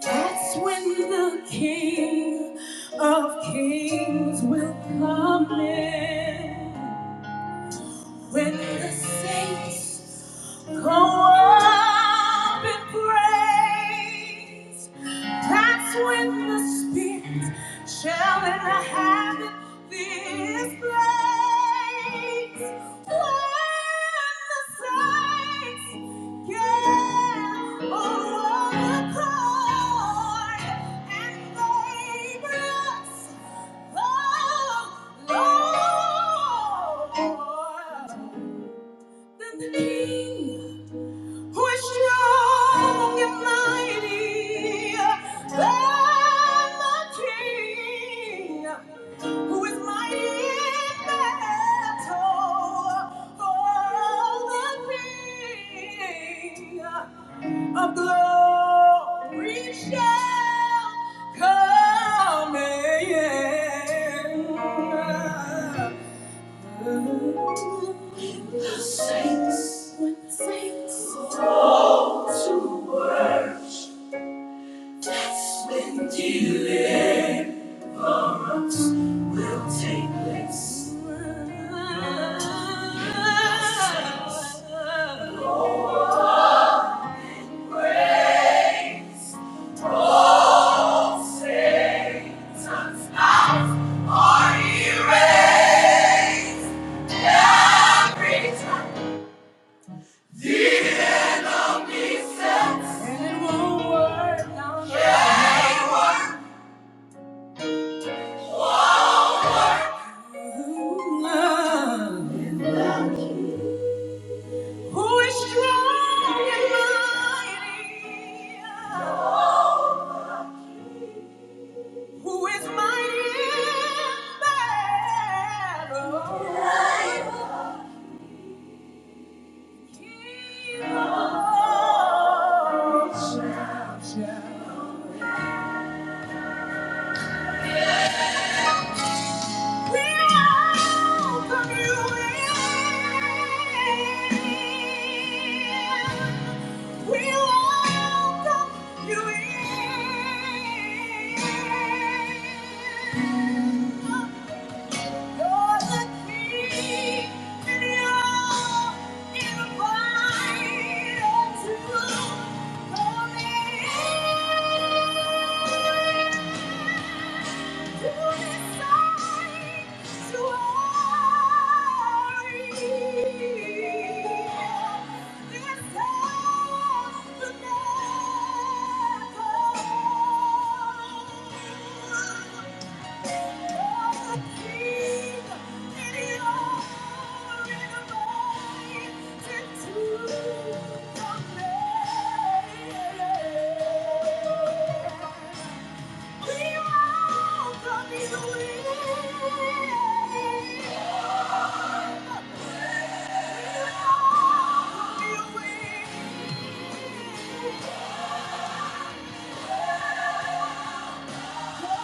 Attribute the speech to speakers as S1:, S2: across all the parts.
S1: That's when the King of Kings will come in. When the saints go up in praise, that's when the Spirit shall inhabit this place. When the saints get on the cord and they bless Love, Lord, than the King who is strong and mighty than the king, who is mighty in battle for all the king of glory shall come in. When when the the saints saints to worship, that's when deliverance will take place, Praise all saints, and now Are erased. And it won't work. No, no, no. Who is strong and mighty? Who is mighty in battle? He alone shall, shall. We welcome you in. We welcome you in. You're the king, and you're invited to come in. Thank you. We won't Thank you. Yeah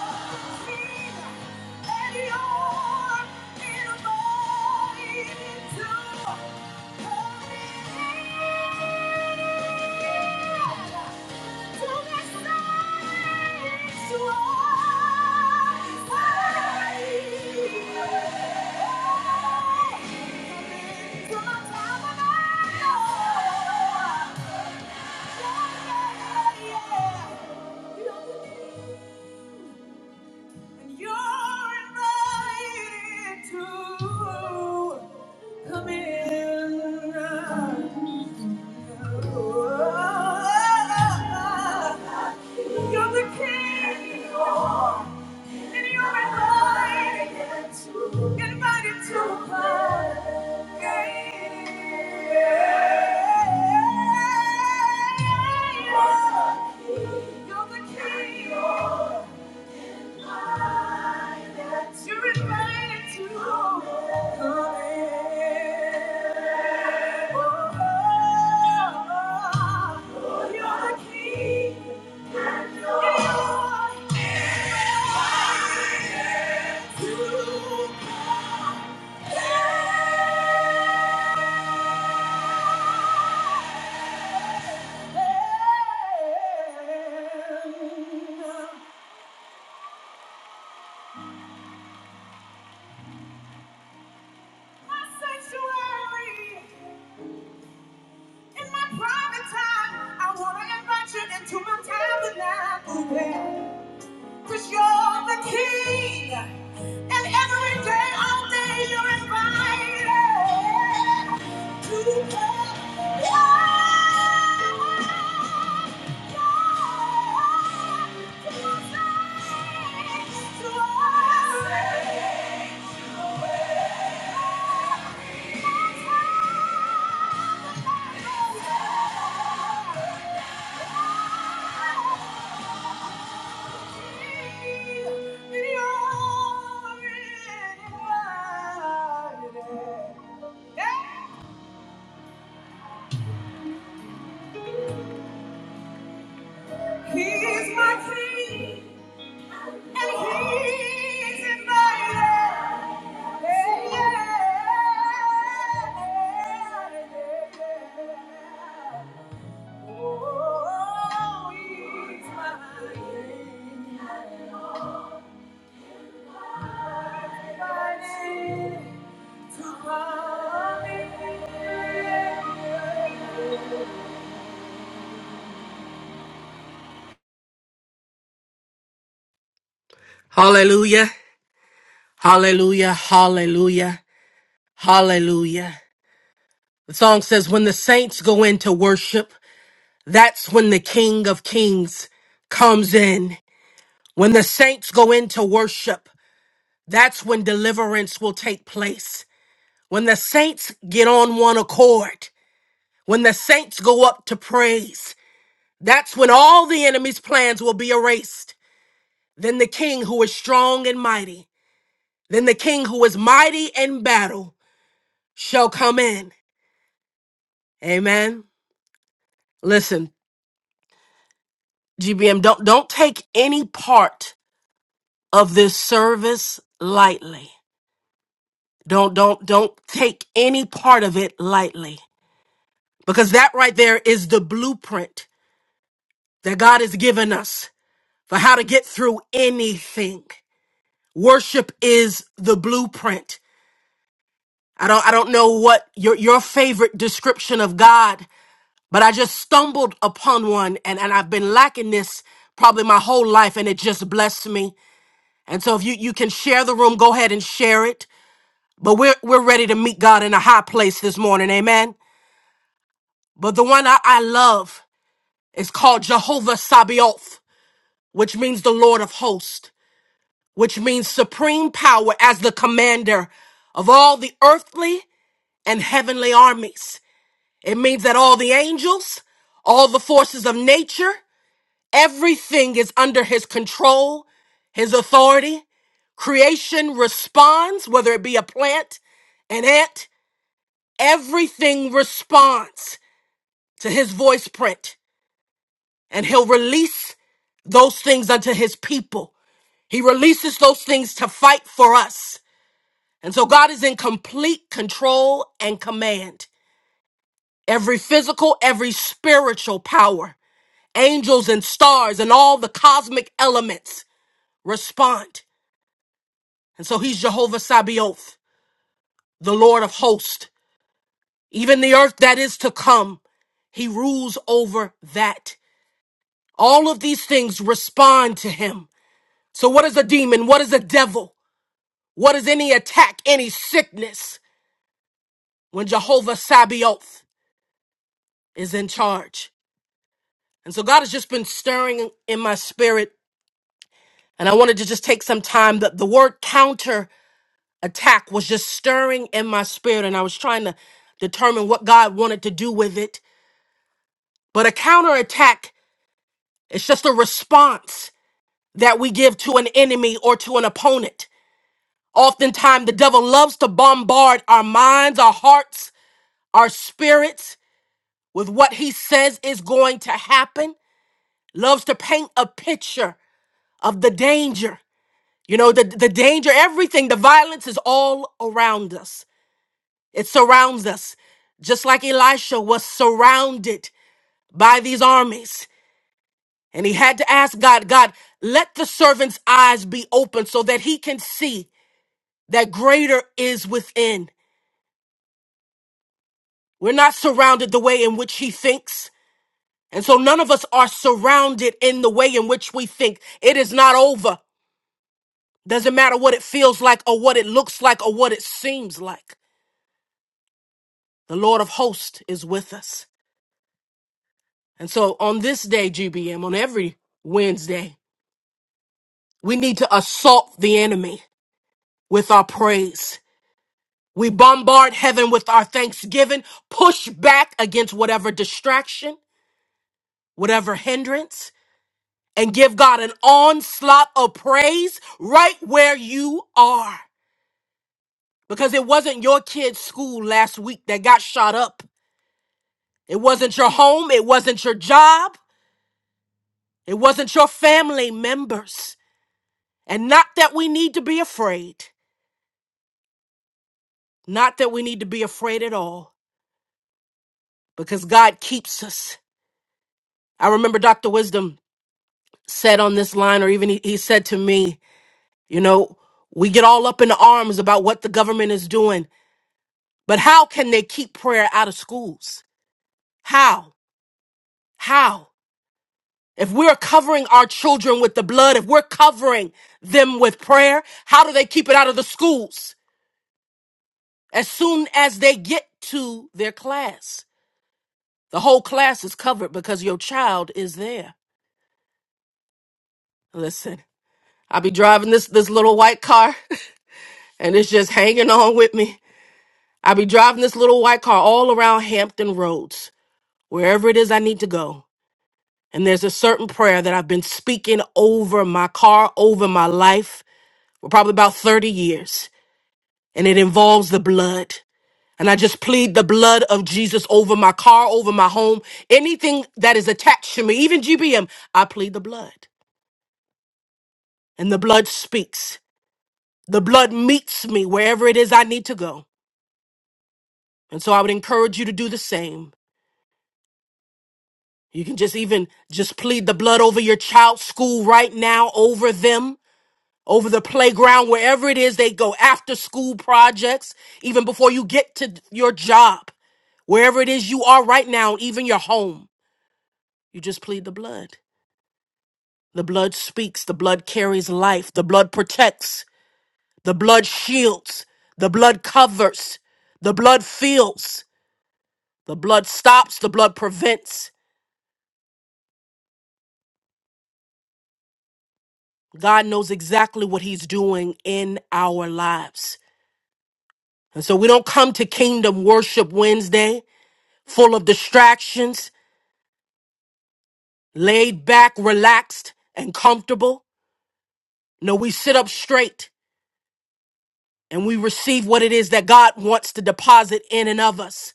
S1: you're invited to come in. You're the king, and you're invited to, invited to my game. You're the king. You're invited to come in. Oh, you're the king and you're invited to my sanctuary. In my private time, I want to invite you into my tabernacle. Cause you're the king. And every day, all day, you're invited to come. Yeah. He's my king, and he's in my life. Yeah, yeah, yeah. Oh, he's my king. My king.
S2: Hallelujah. Hallelujah. Hallelujah. Hallelujah. The song says, when the saints go into worship, that's when the King of Kings comes in. When the saints go into worship, that's when deliverance will take place. When the saints get on one accord, when the saints go up to praise, that's when all the enemy's plans will be erased. Then the king who is strong and mighty, then the king who is mighty in battle shall come in. Amen. Listen, GBM, don't don't take any part of this service lightly. Don't don't don't take any part of it lightly. Because that right there is the blueprint that God has given us for how to get through anything. Worship is the blueprint. I don't I don't know what your your favorite description of God but I just stumbled upon one and, and I've been lacking this probably my whole life and it just blessed me. And so if you, you can share the room, go ahead and share it. But we're we're ready to meet God in a high place this morning, amen. But the one I, I love is called Jehovah Sabaoth, which means the Lord of hosts, which means supreme power as the commander of all the earthly and heavenly armies. It means that all the angels, all the forces of nature. Everything is under his control, his authority. Creation responds, whether it be a plant, an ant, everything responds to his voice print. And he'll release those things unto his people. He releases those things to fight for us. And so God is in complete control and command. Every physical, every spiritual power, angels and stars, and all the cosmic elements respond. And so he's Jehovah Sabaoth, the Lord of hosts. Even the earth that is to come, he rules over that. All of these things respond to him. So what is a demon? What is a devil? What is any attack, any sickness when Jehovah Sabaoth is in charge? And so God has just been stirring in my spirit. And I wanted to just take some time that the word counter attack was just stirring in my spirit. And I was trying to determine what God wanted to do with it. But a counterattack is just a response that we give to an enemy or to an opponent. Oftentimes, the devil loves to bombard our minds, our hearts, our spirits with what he says is going to happen, loves to paint a picture of the danger. You know, the, the danger, everything, the violence is all around us, it surrounds us just like Elisha was surrounded by these armies. And he had to ask God, God, let the servant's eyes be open so that he can see that greater is within. We're not surrounded the way in which he thinks. And so none of us are surrounded in the way in which we think. It is not over. Doesn't matter what it feels like or what it looks like or what it seems like. The Lord of hosts is with us. And so on this day, GBM, on every Wednesday, we need to assault the enemy with our praise. We bombard heaven with our thanksgiving, push back against whatever distraction, whatever hindrance, and give God an onslaught of praise right where you are. Because it wasn't your kid's school last week that got shot up. It wasn't your home. It wasn't your job. It wasn't your family members. And not that we need to be afraid. Not that we need to be afraid at all. Because God keeps us. I remember Dr. Wisdom said on this line, or even he, he said to me, you know, we get all up in arms about what the government is doing, but how can they keep prayer out of schools? How? How? If we're covering our children with the blood, if we're covering them with prayer, how do they keep it out of the schools? As soon as they get to their class, the whole class is covered because your child is there. Listen, I be driving this this little white car and it's just hanging on with me I be driving this little white car all around Hampton Roads, wherever it is I need to go. And there's a certain prayer that I've been speaking over my car, over my life for probably about 30 years. And it involves the blood. And I just plead the blood of Jesus over my car, over my home, anything that is attached to me, even GBM, I plead the blood. And the blood speaks. The blood meets me wherever it is I need to go. And so I would encourage you to do the same. You can just even just plead the blood over your child's school right now, over them, over the playground, wherever it is they go, after school projects, even before you get to your job, wherever it is you are right now, even your home. You just plead the blood. The blood speaks, the blood carries life, the blood protects, the blood shields, the blood covers, the blood feels, the blood stops, the blood prevents. God knows exactly what he's doing in our lives. And so we don't come to Kingdom Worship Wednesday full of distractions, laid back, relaxed, and comfortable. No, we sit up straight and we receive what it is that God wants to deposit in and of us.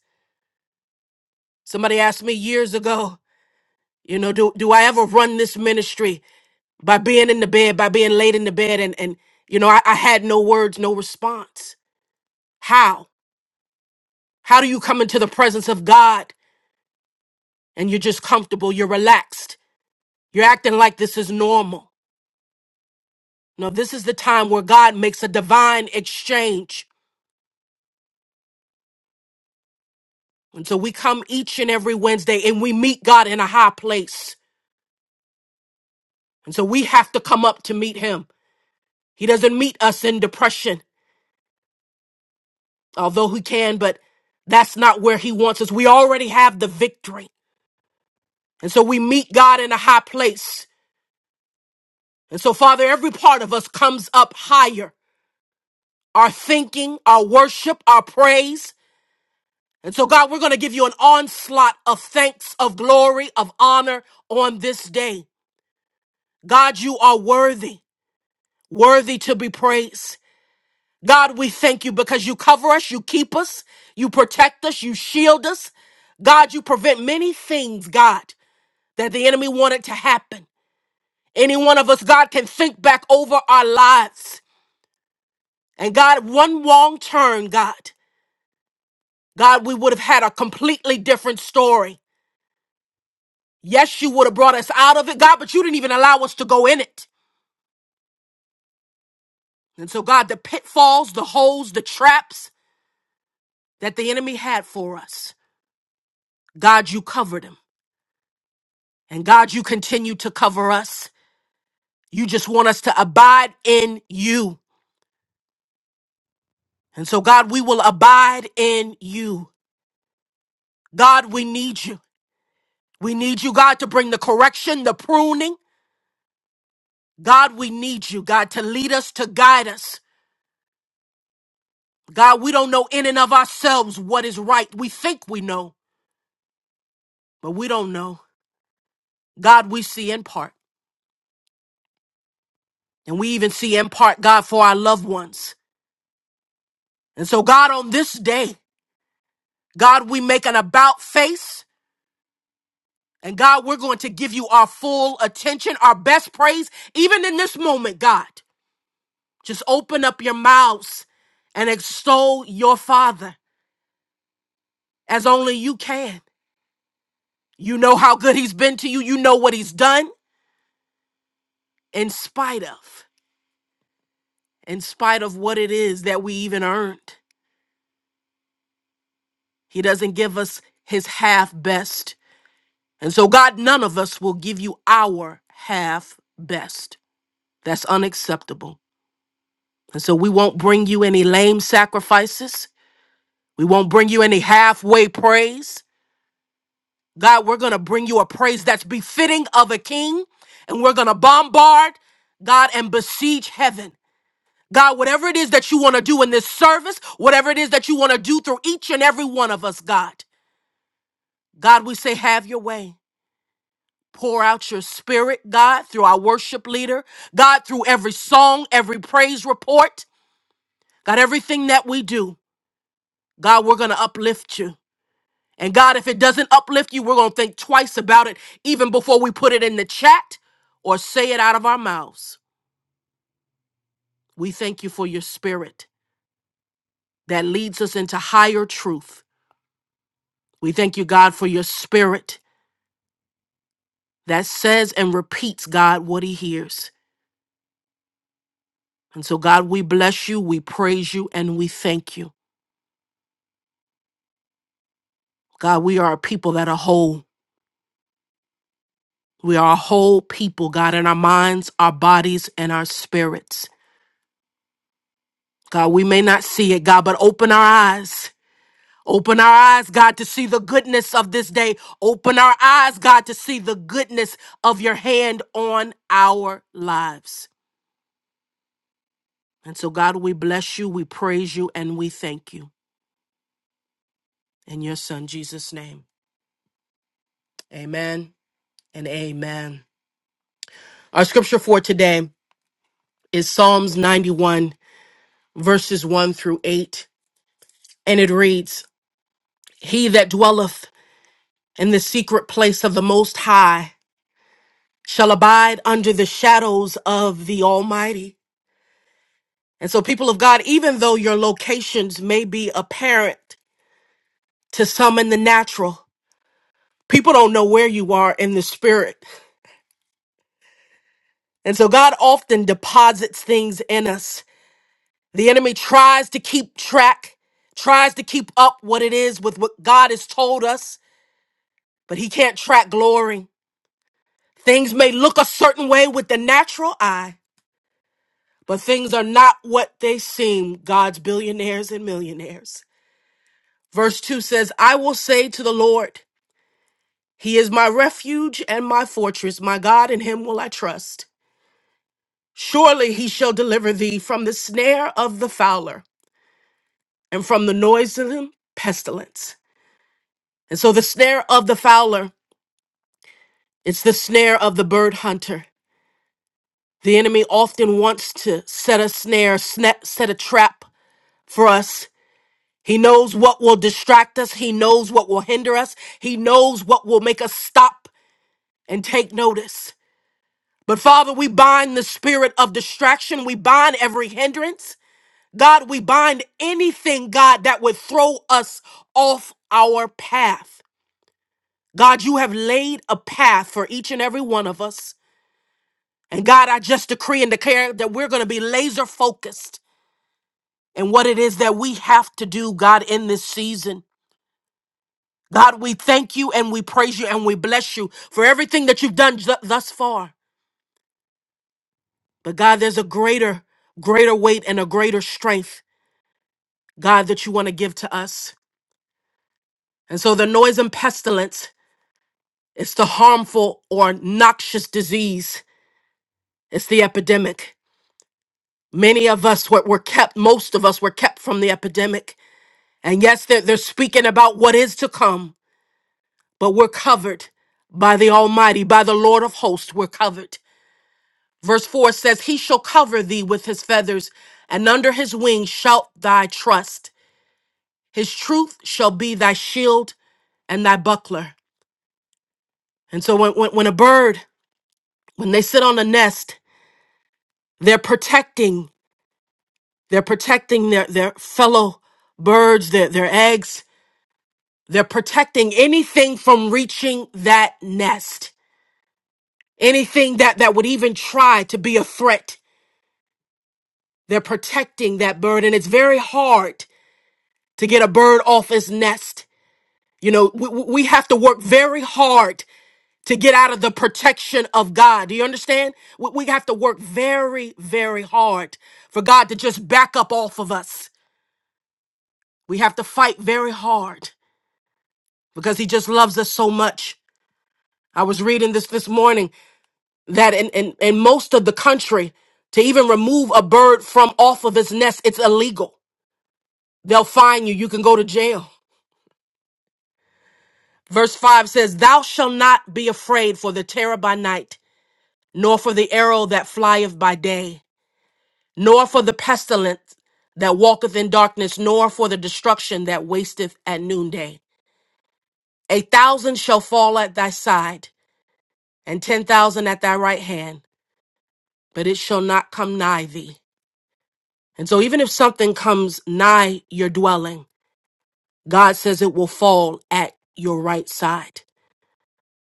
S2: Somebody asked me years ago, you know, do, do I ever run this ministry by being in the bed, by being laid in the bed? And, and you know, I, I had no words, no response. How? How do you come into the presence of God and you're just comfortable, you're relaxed, you're acting like this is normal. No, this is the time where God makes a divine exchange. And so we come each and every Wednesday and we meet God in a high place. And so we have to come up to meet him. He doesn't meet us in depression, although he can, but that's not where he wants us. We already have the victory. And so we meet God in a high place. And so, Father, every part of us comes up higher. Our thinking, our worship, our praise, And so, God, we're going to give you an onslaught of thanks, of glory, of honor on this day. God, you are worthy, worthy to be praised. God, we thank you because you cover us, you keep us, you protect us, you shield us. God, you prevent many things, God, that the enemy wanted to happen. Any one of us, God, can think back over our lives. And God, one wrong turn, God, God, we would have had a completely different story. Yes, you would have brought us out of it, God, but you didn't even allow us to go in it. And so, God, the pitfalls, the holes, the traps that the enemy had for us, God, you covered them. And God, you continue to cover us. You just want us to abide in you. And so, God, we will abide in you. God, we need you. We need you, God, to bring the correction, the pruning. God, we need you, God, to lead us, to guide us. God, we don't know in and of ourselves what is right. We think we know. but we don't know. God, we see in part. And we even see in part, God, for our loved ones. And so, God, on this day, God, we make an about face. And God, we're going to give you our full attention, our best praise, even in this moment, God. Just open up your mouths and extol your Father as only you can. You know how good He's been to you, you know what He's done in spite of, in spite of what it is that we even earned. He doesn't give us his half best. And so, God, none of us will give you our half best. That's unacceptable. And so, we won't bring you any lame sacrifices. We won't bring you any halfway praise. God, we're going to bring you a praise that's befitting of a king. And we're going to bombard, God, and besiege heaven. God, whatever it is that you want to do in this service, whatever it is that you want to do through each and every one of us, God, God, we say, have your way. Pour out your spirit, God, through our worship leader, God, through every song, every praise report, God, everything that we do. God, we're going to uplift you. And God, if it doesn't uplift you, we're going to think twice about it even before we put it in the chat or say it out of our mouths. We thank you for your spirit that leads us into higher truth. We thank you, God, for your spirit that says and repeats, God, what he hears. And so, God, we bless you, we praise you, and we thank you. God, we are a people that are whole. We are a whole people, God, in our minds, our bodies, and our spirits. God, we may not see it, God, but open our eyes. Open our eyes, God, to see the goodness of this day. Open our eyes, God, to see the goodness of your hand on our lives. And so, God, we bless you, we praise you, and we thank you. In your son, Jesus' name. Amen and amen. Our scripture for today is Psalms 91, verses 1 through 8. And it reads, He that dwelleth in the secret place of the Most High shall abide under the shadows of the Almighty. And so, people of God, even though your locations may be apparent to some in the natural, people don't know where you are in the spirit. And so, God often deposits things in us. The enemy tries to keep track, tries to keep up what it is with what God has told us, but he can't track glory. Things may look a certain way with the natural eye, but things are not what they seem, God's billionaires and millionaires. Verse 2 says, I will say to the Lord, He is my refuge and my fortress, my God, in Him will I trust. Surely He shall deliver thee from the snare of the fowler and from the noisome pestilence. And so the snare of the fowler, it's the snare of the bird hunter. The enemy often wants to set a snare, sna- set a trap for us He knows what will distract us. He knows what will hinder us. He knows what will make us stop and take notice. But Father, we bind the spirit of distraction. We bind every hindrance. God, we bind anything, God, that would throw us off our path. God, you have laid a path for each and every one of us. And God, I just decree and declare that we're going to be laser focused in what it is that we have to do, God, in this season. God, we thank you and we praise you and we bless you for everything that you've done th- thus far. But God, there's a greater, greater weight and a greater strength, God, that you want to give to us. And so the noise and pestilence, it's the harmful or noxious disease, it's the epidemic. Many of us were, were kept, most of us were kept from the epidemic. And yes, they're, they're speaking about what is to come, but we're covered by the Almighty, by the Lord of hosts, we're covered. Verse 4 says, He shall cover thee with his feathers, and under his wings shalt thy trust. His truth shall be thy shield and thy buckler. And so when, when, when a bird, when they sit on a nest, they're protecting, they're protecting their, their fellow birds, their, their eggs. They're protecting anything from reaching that nest. Anything that, that would even try to be a threat. They're protecting that bird. And it's very hard to get a bird off its nest You know, we, we we have to work very hard to get out of the protection of God. Do you understand? We, we have to work very, very hard for God to just back up off of us. We have to fight very hard because He just loves us so much. I was reading this this morning that in, in, in most of the country, to even remove a bird from off of its nest, it's illegal. They'll fine you. You can go to jail. Verse 5 says, Thou shalt not be afraid for the terror by night nor for the arrow that flieth by day, nor for the pestilence that walketh in darkness, nor for the destruction that wasteth at noonday. A thousand shall fall at thy side, and ten thousand at thy right hand, but it shall not come nigh thee. And so, even if something comes nigh your dwelling, God says it will fall at your right side.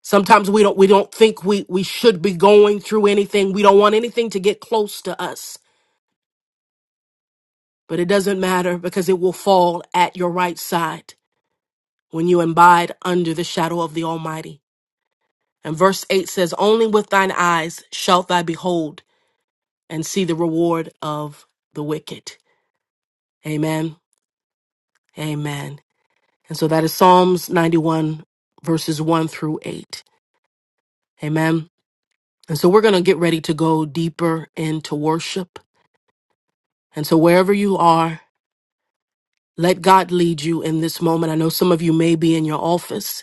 S2: Sometimes we don't we don't think we we should be going through anything. We don't want anything to get close to us. but it doesn't matter because it will fall at your right side when you abide under the shadow of the Almighty. And verse 8 says, Only with thine eyes shalt thou behold and see the reward of the wicked. Amen. Amen. And so that is Psalms 91, verses 1 through 8. Amen. And so we're going to get ready to go deeper into worship. And so wherever you are, let God lead you in this moment. I know some of you may be in your office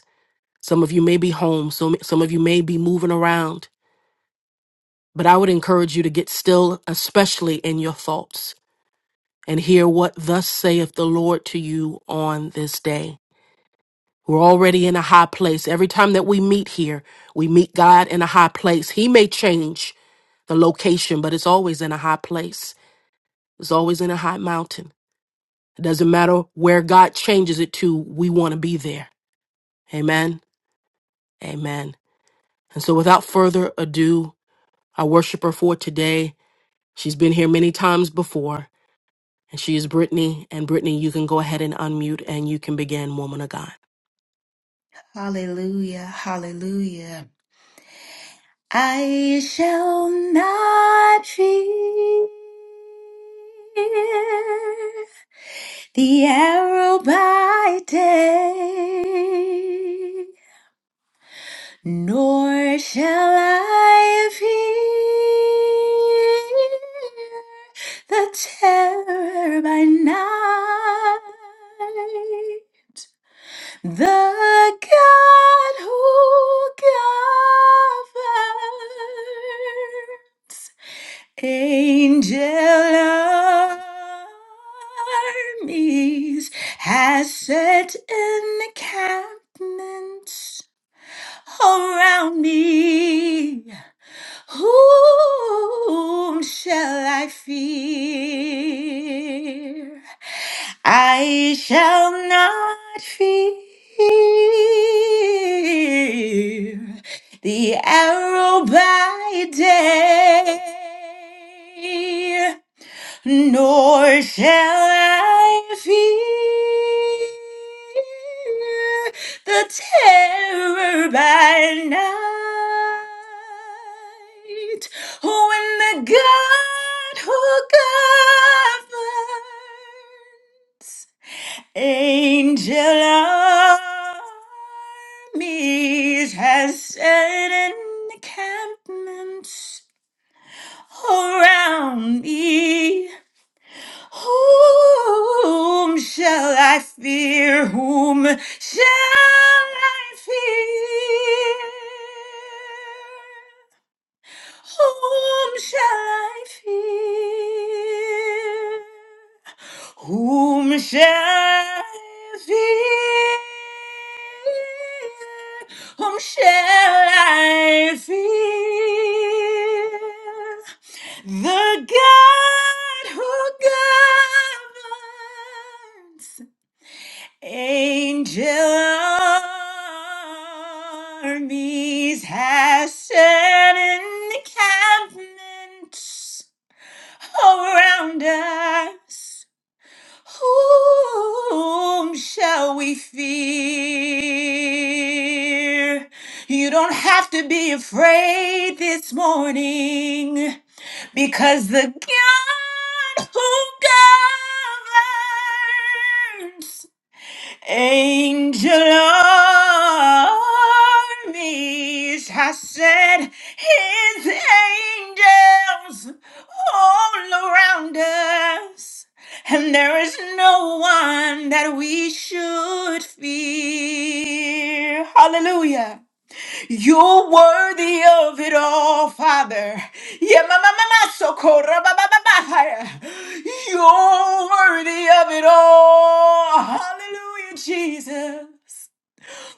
S2: Some of you may be home, some, some of you may be moving around, but I would encourage you to get still, especially in your thoughts, and hear what thus saith the Lord to you on this day. We're already in a high place. Every time that we meet here, we meet God in a high place. He may change the location, but it's always in a high place, it's always in a high mountain. It doesn't matter where God changes it to, we want to be there. Amen. Amen. And so, without further ado, I worship her for today. She's been here many times before, and she is Brittany. And Brittany, you can go ahead and unmute and you can begin, woman of God.
S3: Hallelujah, hallelujah. I shall not fear the arrow by day, nor shall I fear the terror by night. The God who covers angel armies has set encampments around me. Whom shall I fear? I shall not fear the arrow by day, nor shall I fear the terror by night. When the God who governs Angel armies has set encampments around me. Whom shall I fear? Whom shall I fear? Whom shall I fear? Whom shall I fear? Whom shall I fear? The God who governs. Angel armies has set encampments around us. Whom shall we fear? You don't have to be afraid this morning because the God who governs Angel armies, I said, his angels all around us. And there is no one that we should fear. Hallelujah. You're worthy of it all, Father. Yeah, ma ma ma ma so corra ba ba ba ba. higher. You're worthy of it all. Hallelujah, Jesus.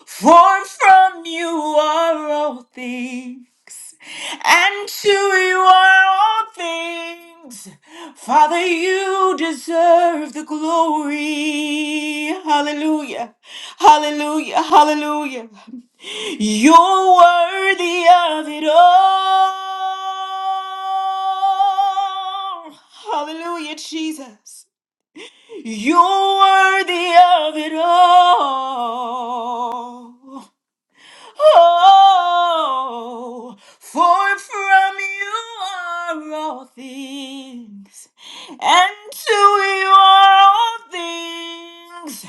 S3: For from you are all things, and to you are all things. Father, you deserve the glory. Hallelujah. Hallelujah. Hallelujah. You're worthy of it all. Hallelujah, Jesus. You're worthy of it all. Oh, for from you are all things, and to you are all things.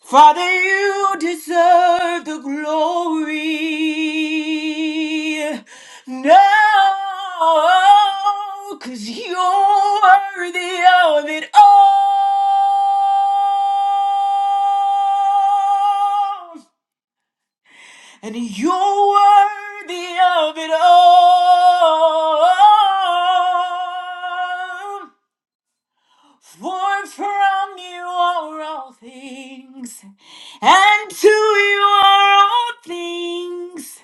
S3: Father, you deserve the glory. No, cause you're worthy of it all. And you're worthy of it all. For from you are all things, and to you are all things.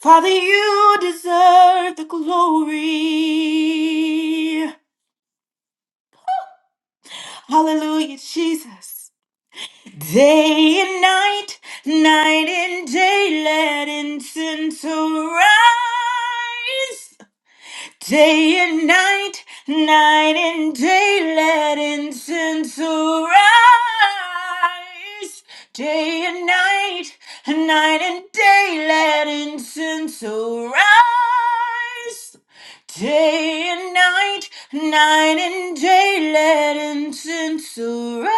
S3: Father, you deserve the glory. Hallelujah, Jesus. Day and night, night and day, let incense arise. Day and night, night and day, let incense arise. Day and night, night and day, let incense arise. Day and night, night and day, let incense arise.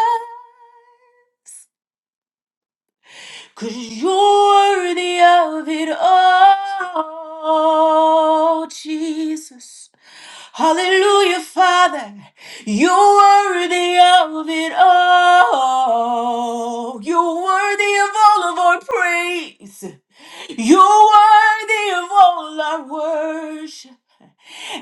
S3: Cause you're worthy of it all, Jesus. Hallelujah, Father. You're worthy of it all. You're worthy of all of our praise. You're worthy of all our worship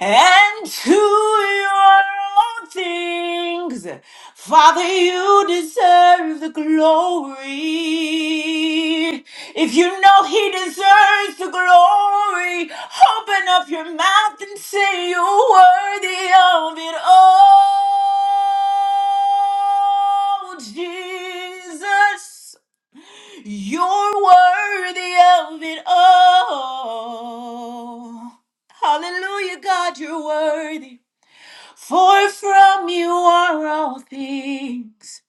S3: and to your all things. Father, you deserve the glory. If you know he deserves the glory, open up your mouth and say you're worthy of it all. Jesus. You're worthy of it all. Hallelujah, God, you're worthy. For from you are all things,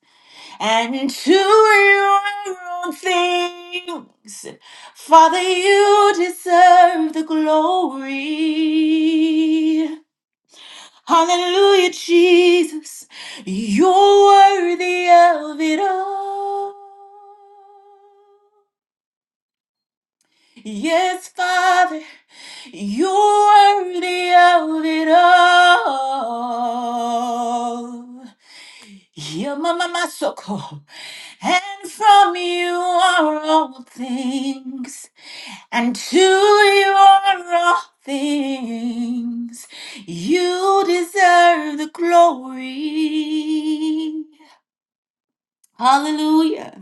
S3: and to you are all things. Father, you deserve the glory. Hallelujah, Jesus, you're worthy of it all. Yes, Father, you're worthy of it all. You're my, my, my soul. And from you are all things, and to you are all things. You deserve the glory. Hallelujah.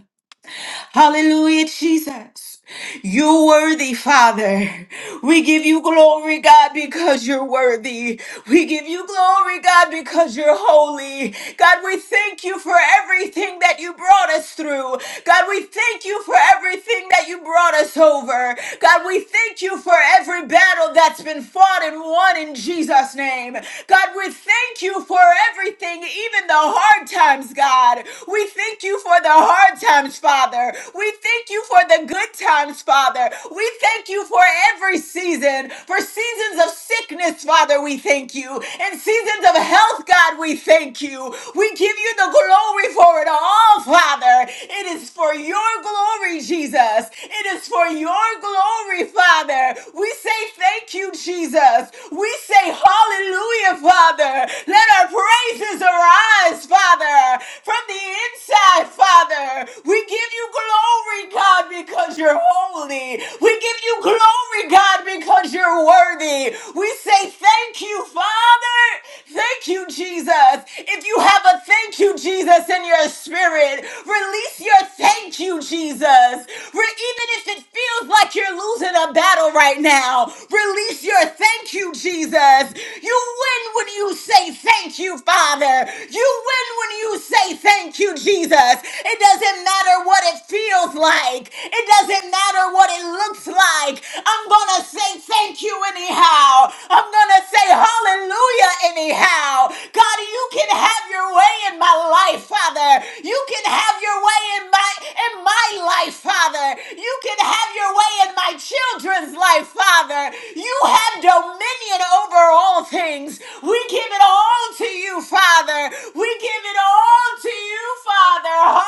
S3: Hallelujah, Jesus. You're worthy, Father. We give you glory, God, because you're worthy. We give you glory, God, because you're holy. God, we thank you for everything that you brought us through. God, we thank you for everything that you brought us over. God, we thank you for every battle that's been fought and won in Jesus' name. God, we thank you for everything, even the hard times, God. We thank you for the hard times, Father. We thank you for the good times, Father. Father. We thank you for every season, for seasons of sickness, Father, we thank you, and seasons of health, God, we thank you. We give you the glory for it all, Father. It is for your glory, Jesus. It is for your glory, Father. We say thank you, Jesus. We say hallelujah, Father. Let our praises arise, Father, from the the inside, Father. We give you glory, God, because you're holy. We give you glory, God, because you're worthy. We say thank you, Father. Thank you, Jesus. If you have a thank you, Jesus, in your spirit, release your thank you, Jesus. Re- even if it feels like you're losing a battle right now, release your thank you, Jesus. Jesus. You win when you say thank you, Father. You win when you say thank you, Jesus. It doesn't matter what it feels like, it doesn't matter what it looks like. I'm going to say thank you anyhow. I'm going to say hallelujah anyhow. God, you can have your way in my life, Father. You can have your way in my in my life, Father. You can have your way in my children's life, Father. You have dominion over all things. We give it all to you, Father. We give it all to you, Father.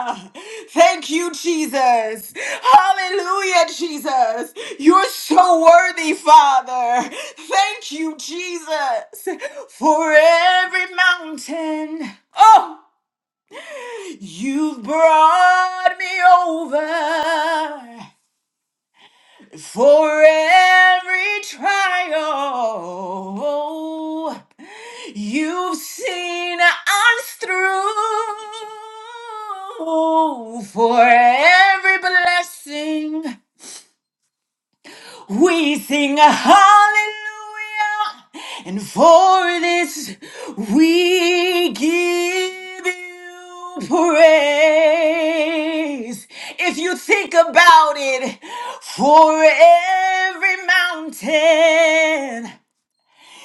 S3: Hallelujah. Thank you, Jesus. Hallelujah, Jesus. You're so worthy, Father. Thank you, Jesus, for every mountain. Oh, you've brought me over. For every trial you've seen us through, for every blessing we sing a hallelujah, and for this we give you praise. If you think about it, for every mountain,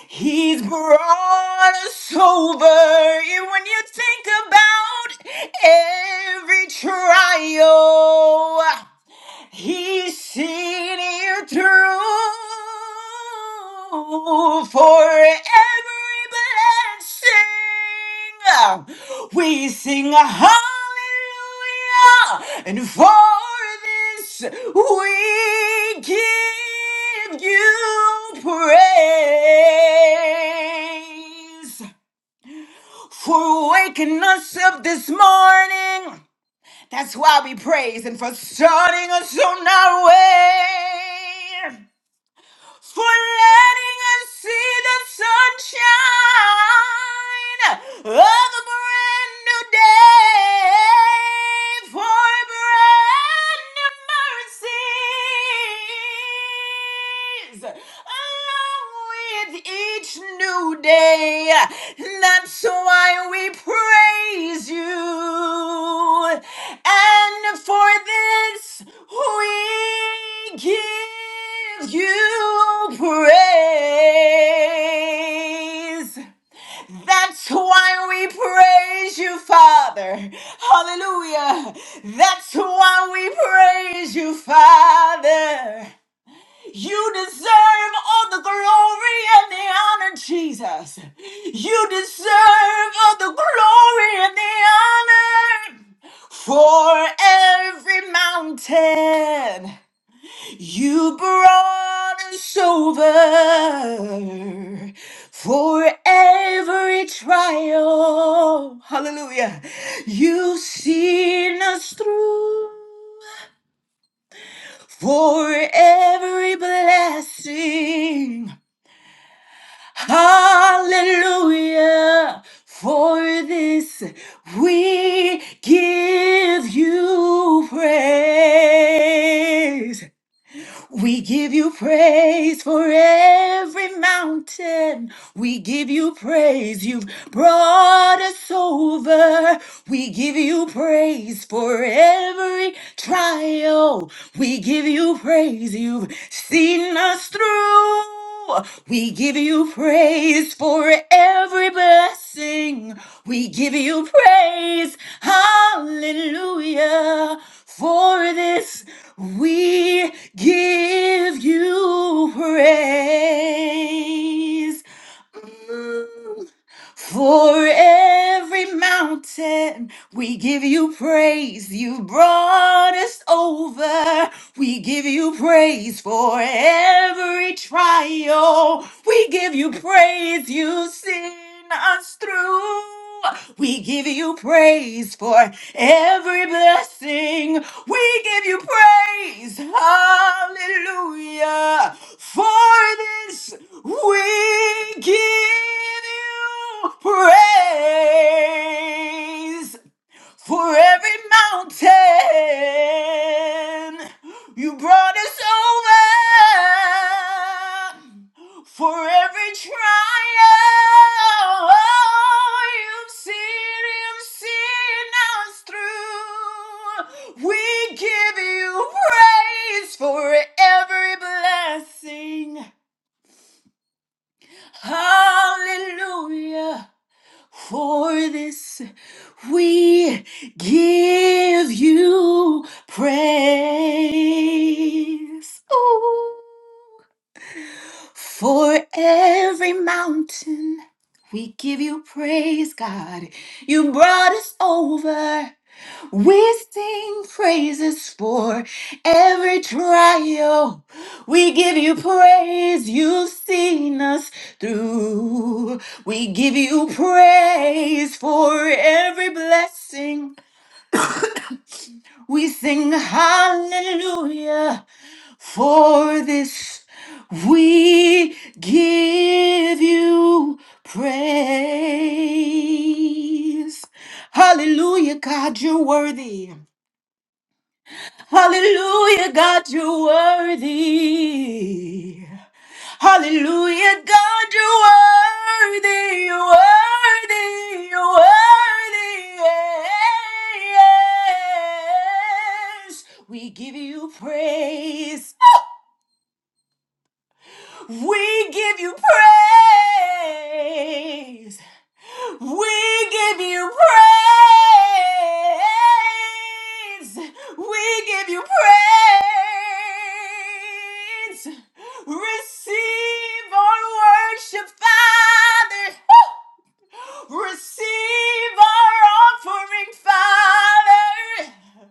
S3: He's brought us over. And when you think about every trial, He's seen it through for every blessing. We sing hallelujah, and for this we give you praise for waking us up this morning that's why we praise and for starting us on our way. For letting us see the sunshine of a brand new day. For brand new mercies. Along with each new day. That's why we praise you. And for this we give you praise. That's why we praise you, Father. Hallelujah. That's why we praise you, Father. You deserve all the glory and the honor, Jesus. You deserve all the glory and the honor for every mountain. You brought us over for every trial. Hallelujah. You've seen us through for every blessing. Hallelujah. For this we give you praise. We give you praise for every mountain. We give you praise. You've brought us over. We give you praise for every trial. We give you praise. You've seen us through. We give you praise for every blessing. We give you praise. Hallelujah. For this we give you praise. Mm. For every mountain, we give you praise. You brought us over. We give you praise for every trial. We give you praise. You've seen us through. We give you praise for every blessing. We give you praise. Hallelujah. For this, we give you praise for every mountain you brought us over for every trial you've seen you've seen us through we give you praise for every blessing hallelujah for this we give you praise. Ooh. For every mountain we give you praise, God. You brought us over. We sing praises for every trial. We give you praise. You've seen us through. We give you praise for every blessing. We sing hallelujah for this. We give you praise. Hallelujah, God, you're worthy. Hallelujah, God, you're worthy. Hallelujah, God, you're worthy, you're worthy, you're worthy. Yes. We give you praise. We give you praise. We give you praise. We give you praise. Receive our worship, Father. Receive our offering, Father.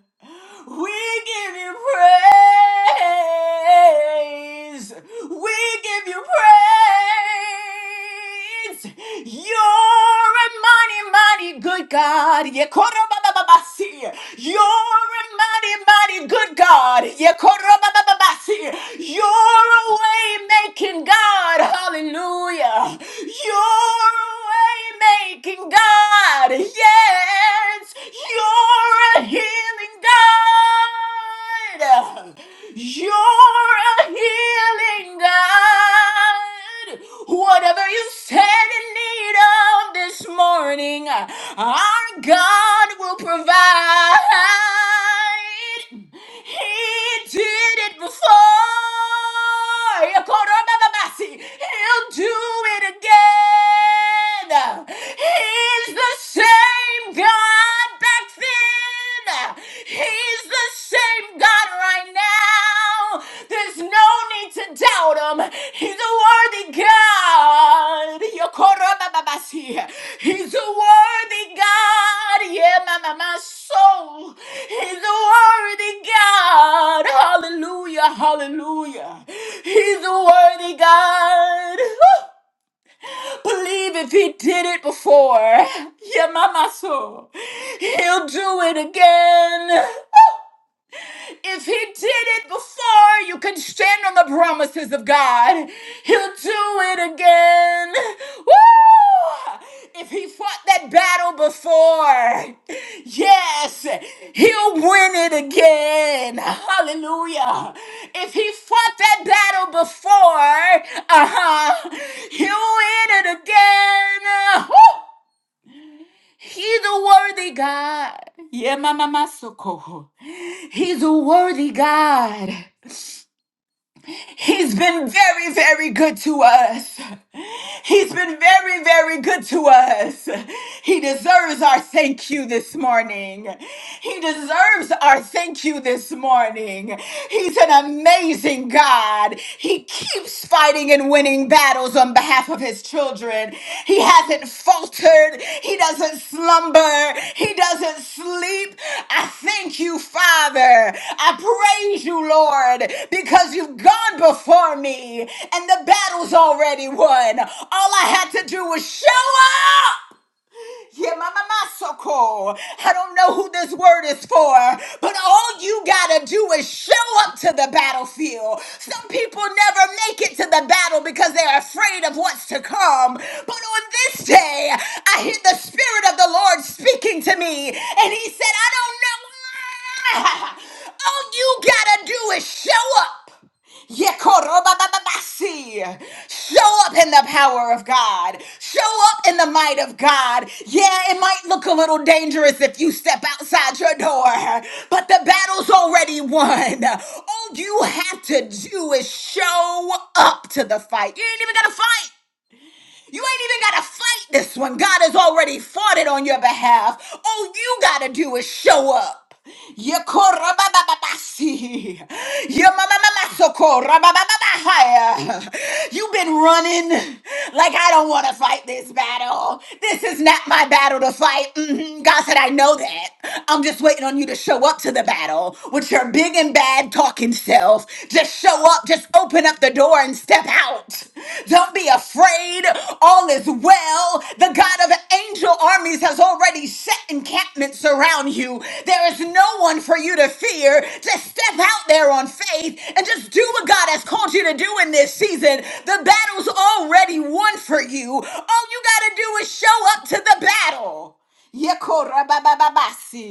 S3: We give you praise. We give you praise. You're a mighty, mighty good God. Yekorobabababasi. You're a mighty, mighty good God. Yekorobabababasi. You're a way making God. Hallelujah. You're a making God. Yes, you're a healing God. You're a healing God. Whatever you stand in need of this morning, our God will provide. He did it before. Yakorobababasi. He'll do it again. He's the same God back then. He's the same God right now. There's no need to doubt him. He's a worthy God. Yakorobababasi. He's a worthy God. Yeah, my, my, my soul. He's a worthy God. Hallelujah. Hallelujah. He's a worthy God. Believe if he did it before. Yeah, mama so. He'll do it again. If he did it before, you can stand on the promises of God. He'll do it again. Woo! If he fought that battle before, yes, he'll win it again. Hallelujah. If he fought that battle before, uh huh, he'll win it again. Woo! He's a worthy God. Yeah, Mama Masoko. He's a worthy God. He's been very, very good to us. He's been very, very good to us. He deserves our thank you this morning. He deserves our thank you this morning. He's an amazing God. He keeps fighting and winning battles on behalf of his children. He. He hasn't faltered. He doesn't slumber. He doesn't sleep. I thank you, Father. I praise you, Lord, because you've gone before me and the battle's already won. All I had to do was show up. Yemamamasoko. I don't know who this word is for, but all you gotta do is show up to the battlefield. Some people never make it to the battle because they're afraid of what's to come. But on this day, I hear the Spirit of the Lord speaking to me, and He said, I don't know. All you gotta do is show up. Yekorobabababasi. Show up in the power of God. Show up in the might of God. Yeah, it might look a little dangerous if you step outside your door, but the battle's already won. All you have to do is show up to the fight. You ain't even got to fight. You ain't even got to fight this one. God has already fought it on your behalf. All you got to do is show up. Yekorabababasi. Yemamamamasokorabababahaya. You've been running like I don't want to fight this battle. This is not my battle to fight. Mhm. God said, I know that. I'm just waiting on you to show up to the battle with your big and bad talking self. Just show up, just open up the door and step out. Don't be afraid. All is well. The God of angel armies has already set encampments around you. There is no one for you to fear. Just step out there on faith and just do what God has called you to do in this season. The battle's already won for you. All you got to do is show up to the battle. Yeko rabababasi.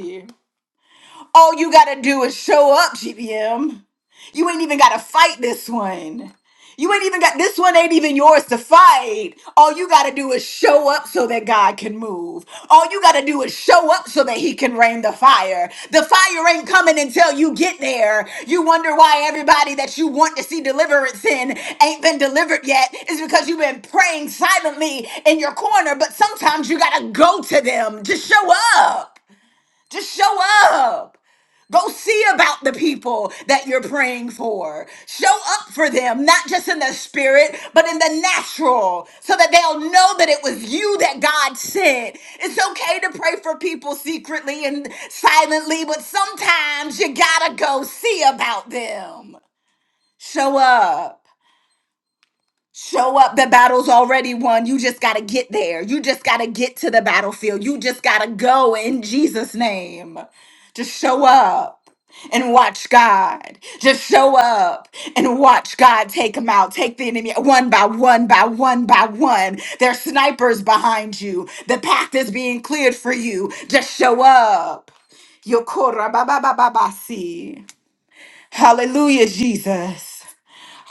S3: All you gotta do is show up, GBM. You ain't even gotta fight this one. You ain't even got this one ain't even yours to fight. All you gotta do is show up so that God can move. All you gotta do is show up so that He can rain the fire. The fire ain't coming until you get there. You wonder why everybody that you want to see deliverance in ain't been delivered yet. It's because you've been praying silently in your corner, but sometimes you gotta go to them. Just show up. Just show up. Go see about the people that you're praying for. Show up for them, not just in the spirit, but in the natural, so that they'll know that it was you that God sent. It's okay to pray for people secretly and silently, but sometimes you gotta go see about them. Show up. Show up. The battle's already won. You just got to get there. You just got to get to the battlefield. You just got to go in Jesus' name. Just show up and watch God. Just show up and watch God take them out. Take the enemy one by one by one by one. There's snipers behind you. The path is being cleared for you. Just show up. Yokora ba ba ba ba ba see. Hallelujah, Jesus.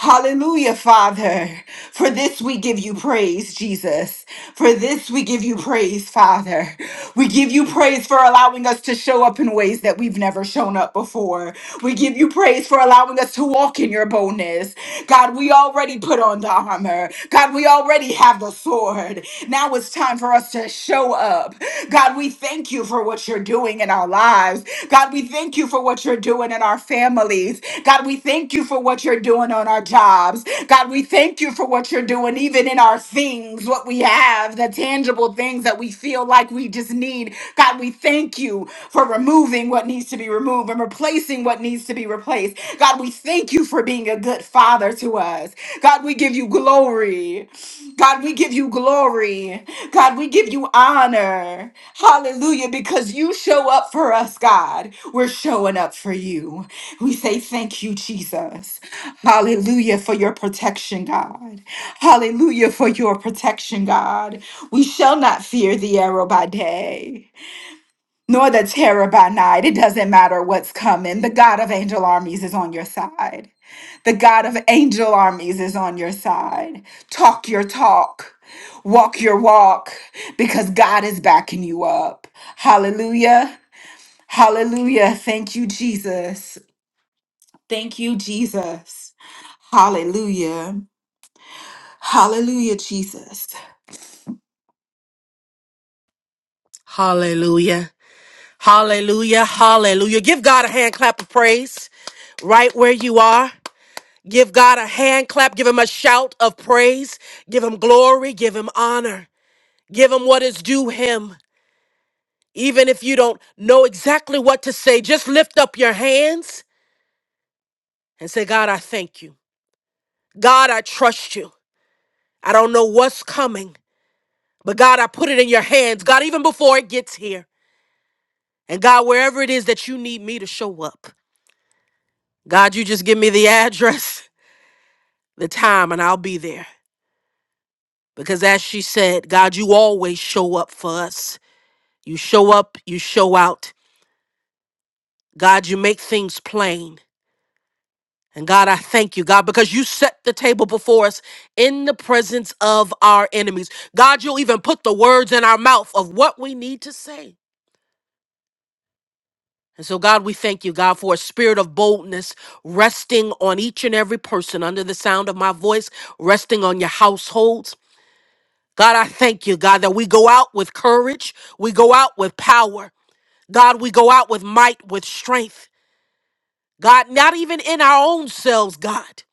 S3: Hallelujah, Father. For this we give you praise, Jesus. For this we give you praise, Father. We give you praise for allowing us to show up in ways that we've never shown up before. We give you praise for allowing us to walk in your boldness. God, we already put on the armor. God, we already have the sword. Now it's time for us to show up. God, we thank you for what you're doing doing in our lives. God, we thank you for what you're doing in our families. God, we thank you for what you're doing on our jobs. God, we thank you for what you're doing even in our things, what we have, the tangible things that we feel like we just need. God, we thank you for removing what needs to be removed and replacing what needs to be replaced. God, we thank you for being a good father to us. God, we give you glory. God, we give you glory. God, we give you honor. Hallelujah, because you show up for us, God. We're showing up for you. We say thank you, Jesus. Hallelujah for your protection, God. Hallelujah for your protection, God. We shall not fear the arrow by day, nor the terror by night. It doesn't matter what's coming. The God of angel armies is on your side. The God of angel armies is on your side. Talk your talk, walk your walk, because God is backing you up. Hallelujah. Hallelujah. Thank you, Jesus. Thank you, Jesus. Hallelujah. Hallelujah, Jesus.
S2: Hallelujah. Hallelujah. Hallelujah. Give God a hand clap of praise right where you are. Give God a hand clap. Give him a shout of praise. Give him glory. Give him honor. Give him what is due him. Even if you don't know exactly what to say, just lift up your hands and say, God, I thank you. God, I trust you. I don't know what's coming, but God, I put it in your hands. God, even before it gets here. And God, wherever it is that you need me to show up, God, you just give me the address, the time, and I'll be there. Because as she said, God, you always show up for us. You show up, you show out. God, you make things plain. And God, I thank you, God, because you set the table before us in the presence of our enemies. God, you'll even put the words in our mouth of what we need to say. And so, God, we thank you, God, for a spirit of boldness resting on each and every person under the sound of my voice, resting on your households. God, I thank you, God, that we go out with courage, we go out with power. God, we go out with might, with strength. God, not even in our own selves, God,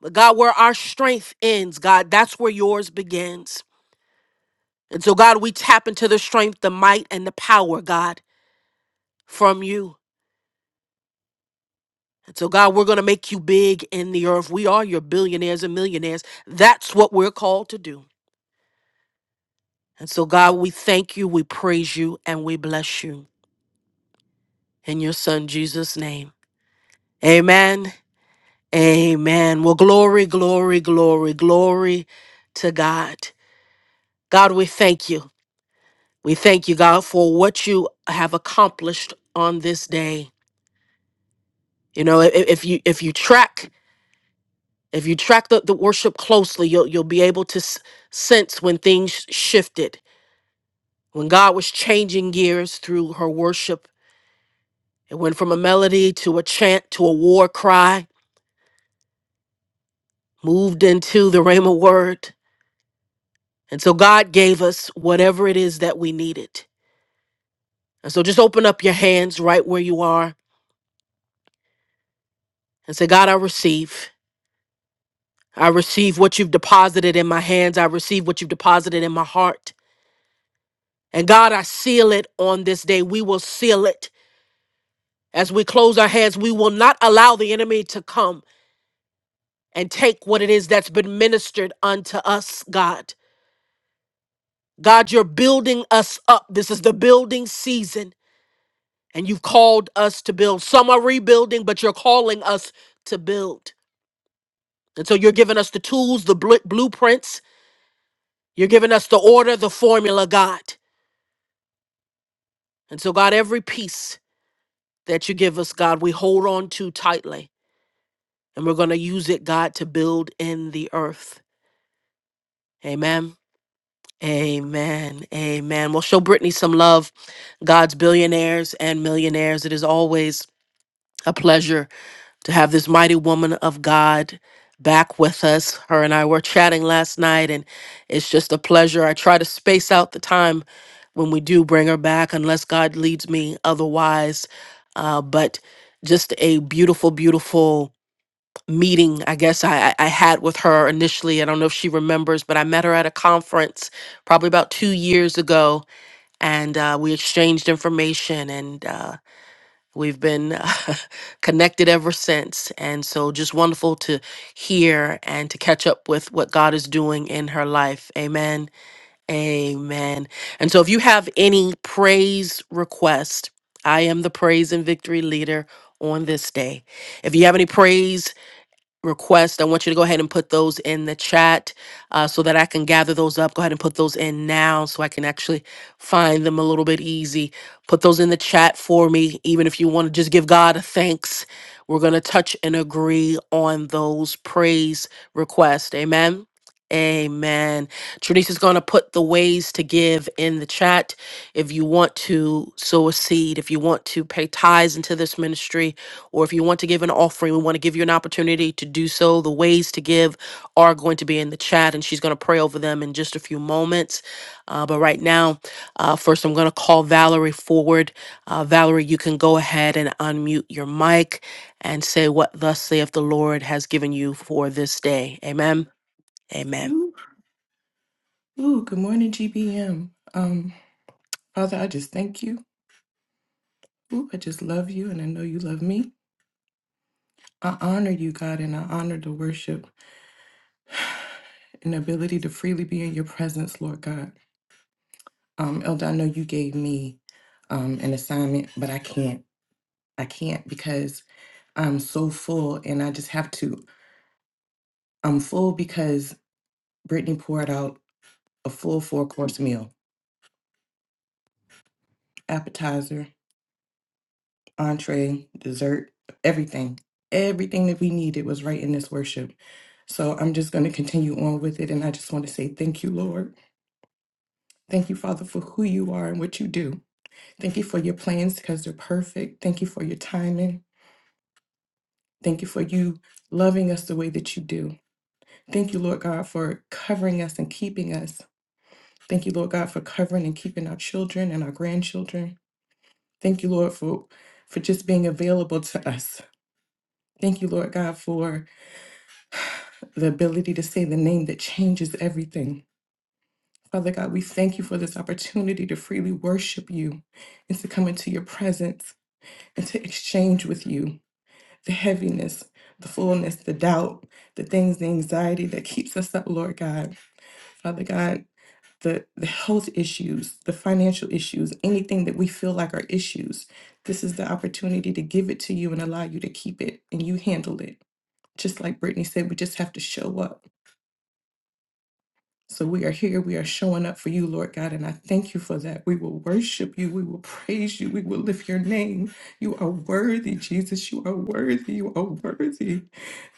S2: but God, where our strength ends, God, that's where yours begins. And so, God, we tap into the strength, the might, and the power, God, from you. And so, God, we're going to make you big in the earth. We are your billionaires and millionaires. That's what we're called to do. And so, God, we thank you, we praise you, and we bless you in your son, Jesus' name. Amen. Amen. Well, glory, glory, glory, glory to God. God, we thank you. We thank you, God, for what you have accomplished on this day. You know, i- if you if you track If you track the, the worship closely, you'll, you'll be able to s- sense when things shifted, when God was changing gears through her worship. It went from a melody to a chant to a war cry, moved into the Rhema word. And so God gave us whatever it is that we needed. And so just open up your hands right where you are and say, God, I receive. I receive what you've deposited in my hands. I receive what you've deposited in my heart. And God, I seal it on this day. We will seal it As we close our heads, we will not allow the enemy to come and take what it is that's been ministered unto us, God. God, you're building us up. This is the building season, and you've called us to build. Some are rebuilding, but you're calling us to build. And so you're giving us the tools, the bl- blueprints. You're giving us the order, the formula, God. And so, God, every piece that you give us, God, we hold on to tightly, and we're going to use it, God, to build in the earth. Amen. Amen. Amen. Well, show Brittany some love, God's billionaires and millionaires. It is always a pleasure to have this mighty woman of God back with us. Her and I were chatting last night, and it's just a pleasure. I try to space out the time when we do bring her back, unless God leads me otherwise. Uh, but just a beautiful, beautiful meeting i guess I, I I had with her initially i don't know if she remembers but i met her at a conference probably about two years ago and uh, we exchanged information and uh, we've been connected ever since and so just wonderful to hear and to catch up with what god is doing in her life amen amen and so if you have any praise request i am the praise and victory leader on this day if you have any praise request, I want you to go ahead and put those in the chat uh, so that I can gather those up. Go ahead and put those in now so I can actually find them a little bit easy. Put those in the chat for me, even if you want to just give God a thanks. We're going to touch and agree on those praise requests. Amen. Amen. Trinice going to put the ways to give in the chat. If you want to sow a seed, if you want to pay tithes into this ministry, or if you want to give an offering, we want to give you an opportunity to do so. The ways to give are going to be in the chat, and she's going to pray over them in just a few moments. Uh, but right now, uh, first, I'm going to call Valerie forward. Uh, Valerie, you can go ahead and unmute your mic and say what thus saith the Lord has given you for this day. Amen. Amen.
S4: Ooh, ooh, good morning, GBM. Um, Father, I just thank you. Ooh, I just love you, and I know you love me. I honor you, God, and I honor the worship and ability to freely be in your presence, Lord God. Um, Elder, I know you gave me um an assignment, but I can't. I can't because I'm so full, and I just have to. I'm full because Brittany poured out a full four course meal, appetizer. entree, dessert, everything. Everything that we needed was right in this worship. So I'm just going to continue on with it. And I just want to say thank you, Lord. Thank you, Father, for who you are and what you do. Thank you for your plans because they're perfect. Thank you for your timing. Thank you for you loving us the way that you do. Thank you, Lord God, for covering us and keeping us. Thank you, Lord God, for covering and keeping our children and our grandchildren. Thank you, Lord, for, for just being available to us. Thank you, Lord God, for the ability to say the name that changes everything. Father God, we thank you for this opportunity to freely worship you and to come into your presence and to exchange with you the heaviness, the fullness, the doubt, the things, the anxiety that keeps us up, Lord God. Father God, the, the health issues, the financial issues, anything that we feel like are issues, this is the opportunity to give it to you and allow you to keep it and you handle it. Just like Brittany said, we just have to show up. So we are here. We are showing up for you, Lord God. And I thank you for that. We will worship you. We will praise you. We will lift your name. You are worthy, Jesus. You are worthy. You are worthy.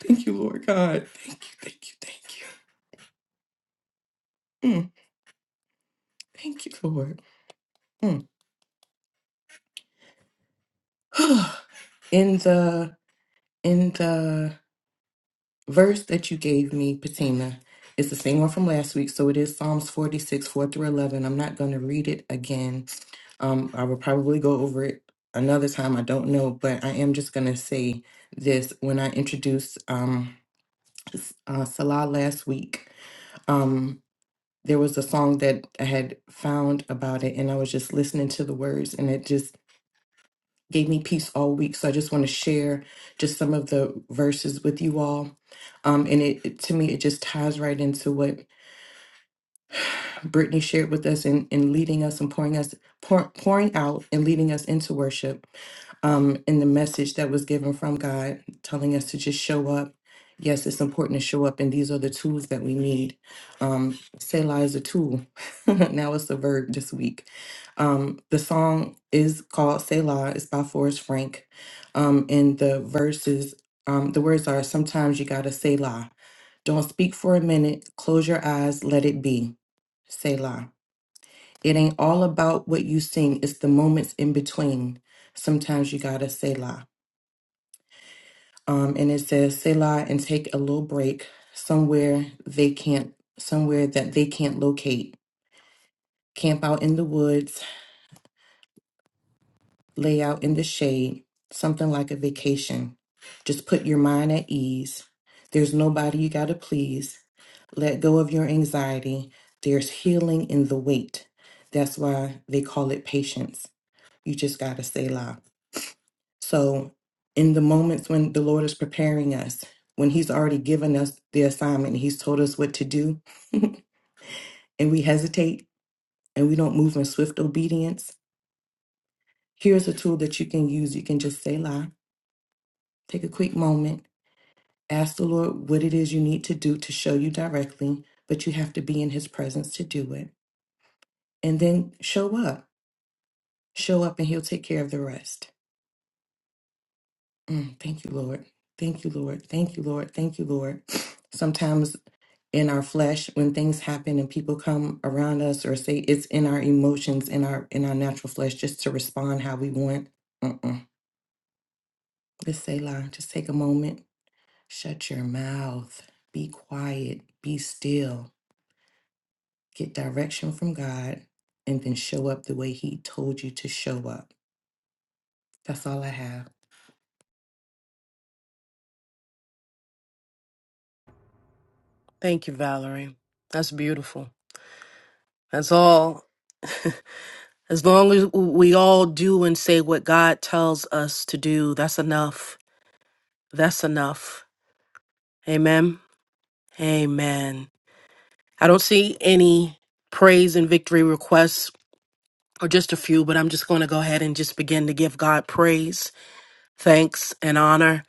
S4: Thank you, Lord God. Thank you. Thank you. Thank you. Mm, thank you, Lord. Mm. in the in the verse that you gave me, Patina, it's the same one from last week. So it is Psalms 46, 4 through 11. I'm not going to read it again Um, I will probably go over it another time. I don't know, but I am just going to say this. When I introduced um, S- uh, Salah last week, um, there was a song that I had found about it, and I was just listening to the words, and it just gave me peace all week. So I just want to share just some of the verses with you all. Um, and it it- to me, it just ties right into what Brittany shared with us in, in leading us and pouring us pour, pouring out and leading us into worship. Um, and the message that was given from God, telling us to just show up. Yes, it's important to show up, and these are the tools that we need. Um, Selah is a tool. now it's a verb this week. Um, the song is called Selah. It's by Forrest Frank. Um, and the verses, um, the words are sometimes you gotta Selah. Don't speak for a minute. Close your eyes. Let it be. Selah. It ain't all about what you sing, it's the moments in between. Sometimes you gotta Selah. Um, and it says Selah and take a little break somewhere they can't, somewhere that they can't locate. Camp out in the woods, lay out in the shade, something like a vacation. Just put your mind at ease. There's nobody you gotta please. Let go of your anxiety. There's healing in the wait. That's why they call it patience. You just got to say la. So, in the moments when the Lord is preparing us, when He's already given us the assignment, He's told us what to do, and we hesitate and we don't move in swift obedience, here's a tool that you can use. You can just say la, take a quick moment, ask the Lord what it is you need to do to show you directly, but you have to be in His presence to do it. And then show up. Show up, and He'll take care of the rest. Mm, thank you, Lord. Thank you, Lord. Thank you, Lord. Thank you, Lord. Sometimes in our flesh, when things happen and people come around us or say it's in our emotions, in our in our natural flesh, just to respond how we want. Mm-mm. Just say, "La." Just take a moment. Shut your mouth. Be quiet. Be still. Get direction from God, and then show up the way He told you to show up. That's all I have.
S2: Thank you, Valerie. That's beautiful. That's all. As long as we all do and say what God tells us to do, that's enough. That's enough. Amen. Amen. I don't see any praise and victory requests or just a few, but I'm just going to go ahead and just begin to give God praise, thanks, and honor.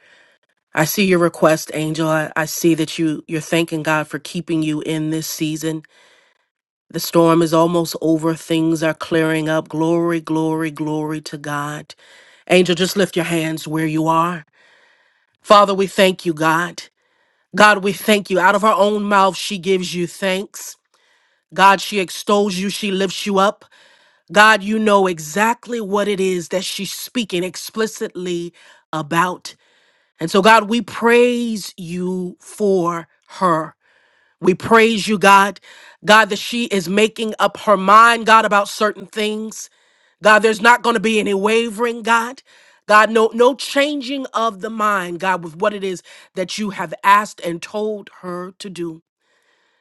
S2: I see your request, Angel. I, I see that you you're thanking God for keeping you in this season. The storm is almost over. Things are clearing up. Glory, glory, glory to God. Angel, just lift your hands where you are. Father, we thank you, God. God, we thank you. Out of her own mouth, she gives you thanks. God, she extols you, she lifts you up. God, you know exactly what it is that she's speaking explicitly about. And so, God, we praise you for her. We praise you, God. God, that she is making up her mind, God, about certain things. God, there's not going to be any wavering, God. God, no, no changing of the mind, God, with what it is that you have asked and told her to do.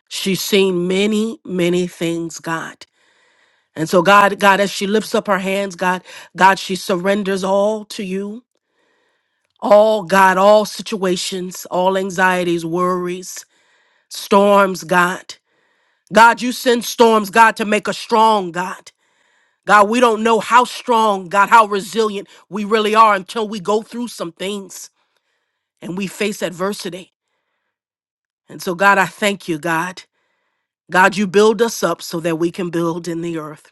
S2: She's seen many, many things, God. And so, God, God, as she lifts up her hands, God, God, she surrenders all to you. All, God, all situations, all anxieties, worries, storms, God. God, you send storms, God, to make us strong, God. God, we don't know how strong, God, how resilient we really are until we go through some things and we face adversity. And so, God, I thank you, God. God, you build us up so that we can build in the earth.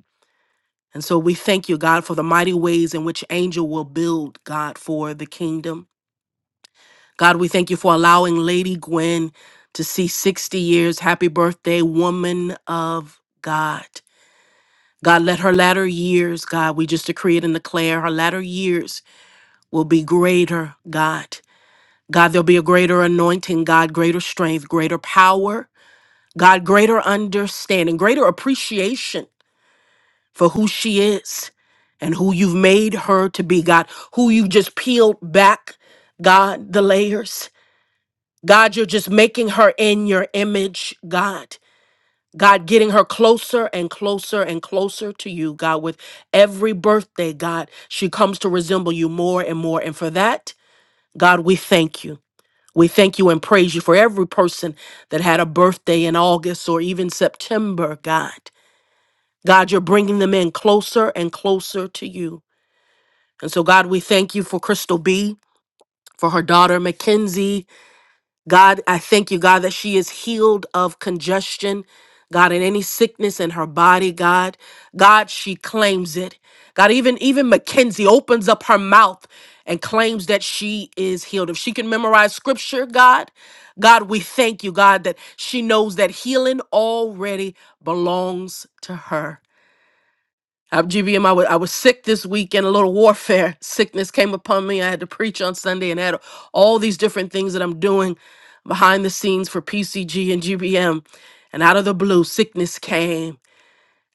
S2: And so we thank you, God, for the mighty ways in which Angel will build, God, for the kingdom. God, we thank you for allowing Lady Gwen to see 60 years. Happy birthday, woman of God. God, let her latter years, God, we just decree it and declare her latter years will be greater, God. God, there'll be a greater anointing, God, greater strength, greater power, God, greater understanding, greater appreciation for who she is and who you've made her to be, God, who you've just peeled back, God, the layers. God, you're just making her in your image, God. God, getting her closer and closer and closer to you, God, with every birthday, God, she comes to resemble you more and more. And for that, God, we thank you. We thank you and praise you for every person that had a birthday in August or even September, God. God, you're bringing them in closer and closer to you. And so, God, we thank you for Crystal B, for her daughter, Mackenzie. God, I thank you, God, that she is healed of congestion, God, and any sickness in her body, God. God, she claims it. God, even, even Mackenzie opens up her mouth and claims that she is healed. If she can memorize scripture, God, God, we thank you, God, that she knows that healing already belongs to her. I'm GBM. I was, I was sick this weekend, a little warfare sickness came upon me. I had to preach on Sunday and had all these different things that I'm doing behind the scenes for PCG and GBM. And out of the blue, sickness came.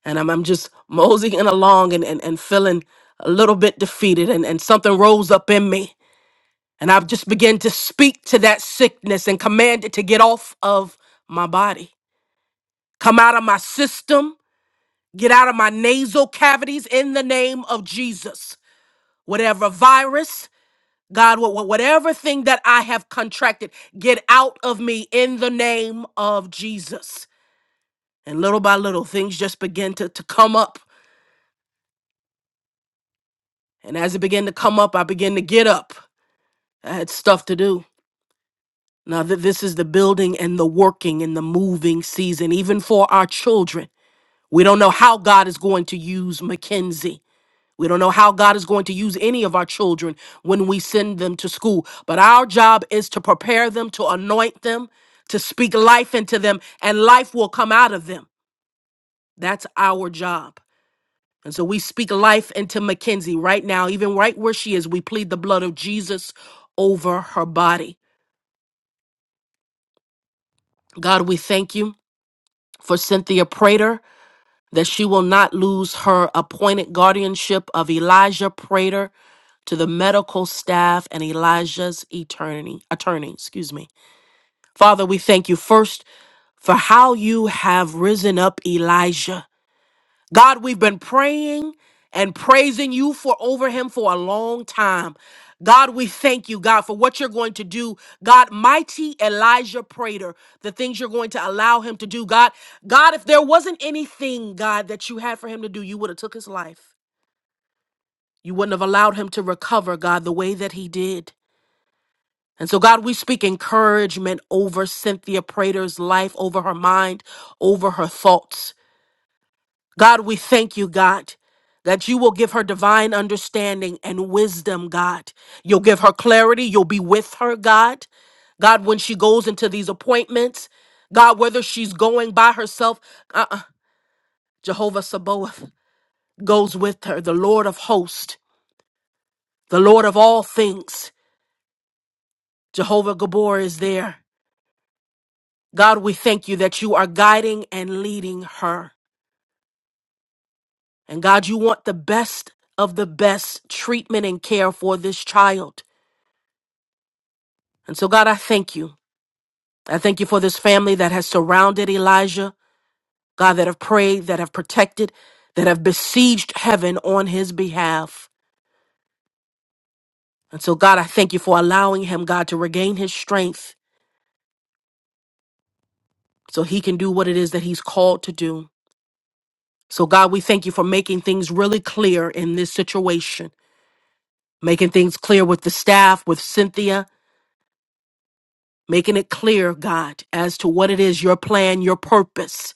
S2: And I'm, I'm just moseying along and, and, and feeling a little bit defeated. And, and something rose up in me. And I've just began to speak to that sickness and command it to get off of my body, come out of my system, get out of my nasal cavities in the name of Jesus whatever virus, God, wha- wha- whatever thing that I have contracted, get out of me in the name of Jesus. And little by little, things just begin to, to come up. And as it began to come up, I began to get up. I had stuff to do. Now that this is the building and the working and the moving season, even for our children. We don't know how God is going to use Mackenzie. We don't know how God is going to use any of our children when we send them to school, but our job is to prepare them, to anoint them, to speak life into them, and life will come out of them. That's our job. And so we speak life into Mackenzie right now, even right where she is. We plead the blood of Jesus over her body. God, we thank you for Cynthia Prater, that she will not lose her appointed guardianship of Elijah Prater to the medical staff and Elijah's attorney, attorney, excuse me. Father, we thank you first for how you have risen up Elijah. God, we've been praying and praising you for over him for a long time. God, we thank you, God, for what you're going to do. God, mighty Elijah Prater, the things you're going to allow him to do. God, God, if there wasn't anything, God, that you had for him to do, you would have took his life. You wouldn't have allowed him to recover, God, the way that he did. And so, God, we speak encouragement over Cynthia Prater's life, over her mind, over her thoughts. God, we thank you, God, that you will give her divine understanding and wisdom, God. You'll give her clarity. You'll be with her, God. God, when she goes into these appointments, God, whether she's going by herself, uh-uh, Jehovah Sabaoth goes with her, the Lord of hosts, the Lord of all things. Jehovah Gabor is there. God, we thank you that you are guiding and leading her. And God, you want the best of the best treatment and care for this child. And so, God, I thank you. I thank you for this family that has surrounded Elijah, God, that have prayed, that have protected, that have besieged heaven on his behalf. And so, God, I thank you for allowing him, God, to regain his strength so he can do what it is that he's called to do. So, God, we thank you for making things really clear in this situation. making things clear with the staff, with Cynthia, making it clear, God, as to what it is your plan, your purpose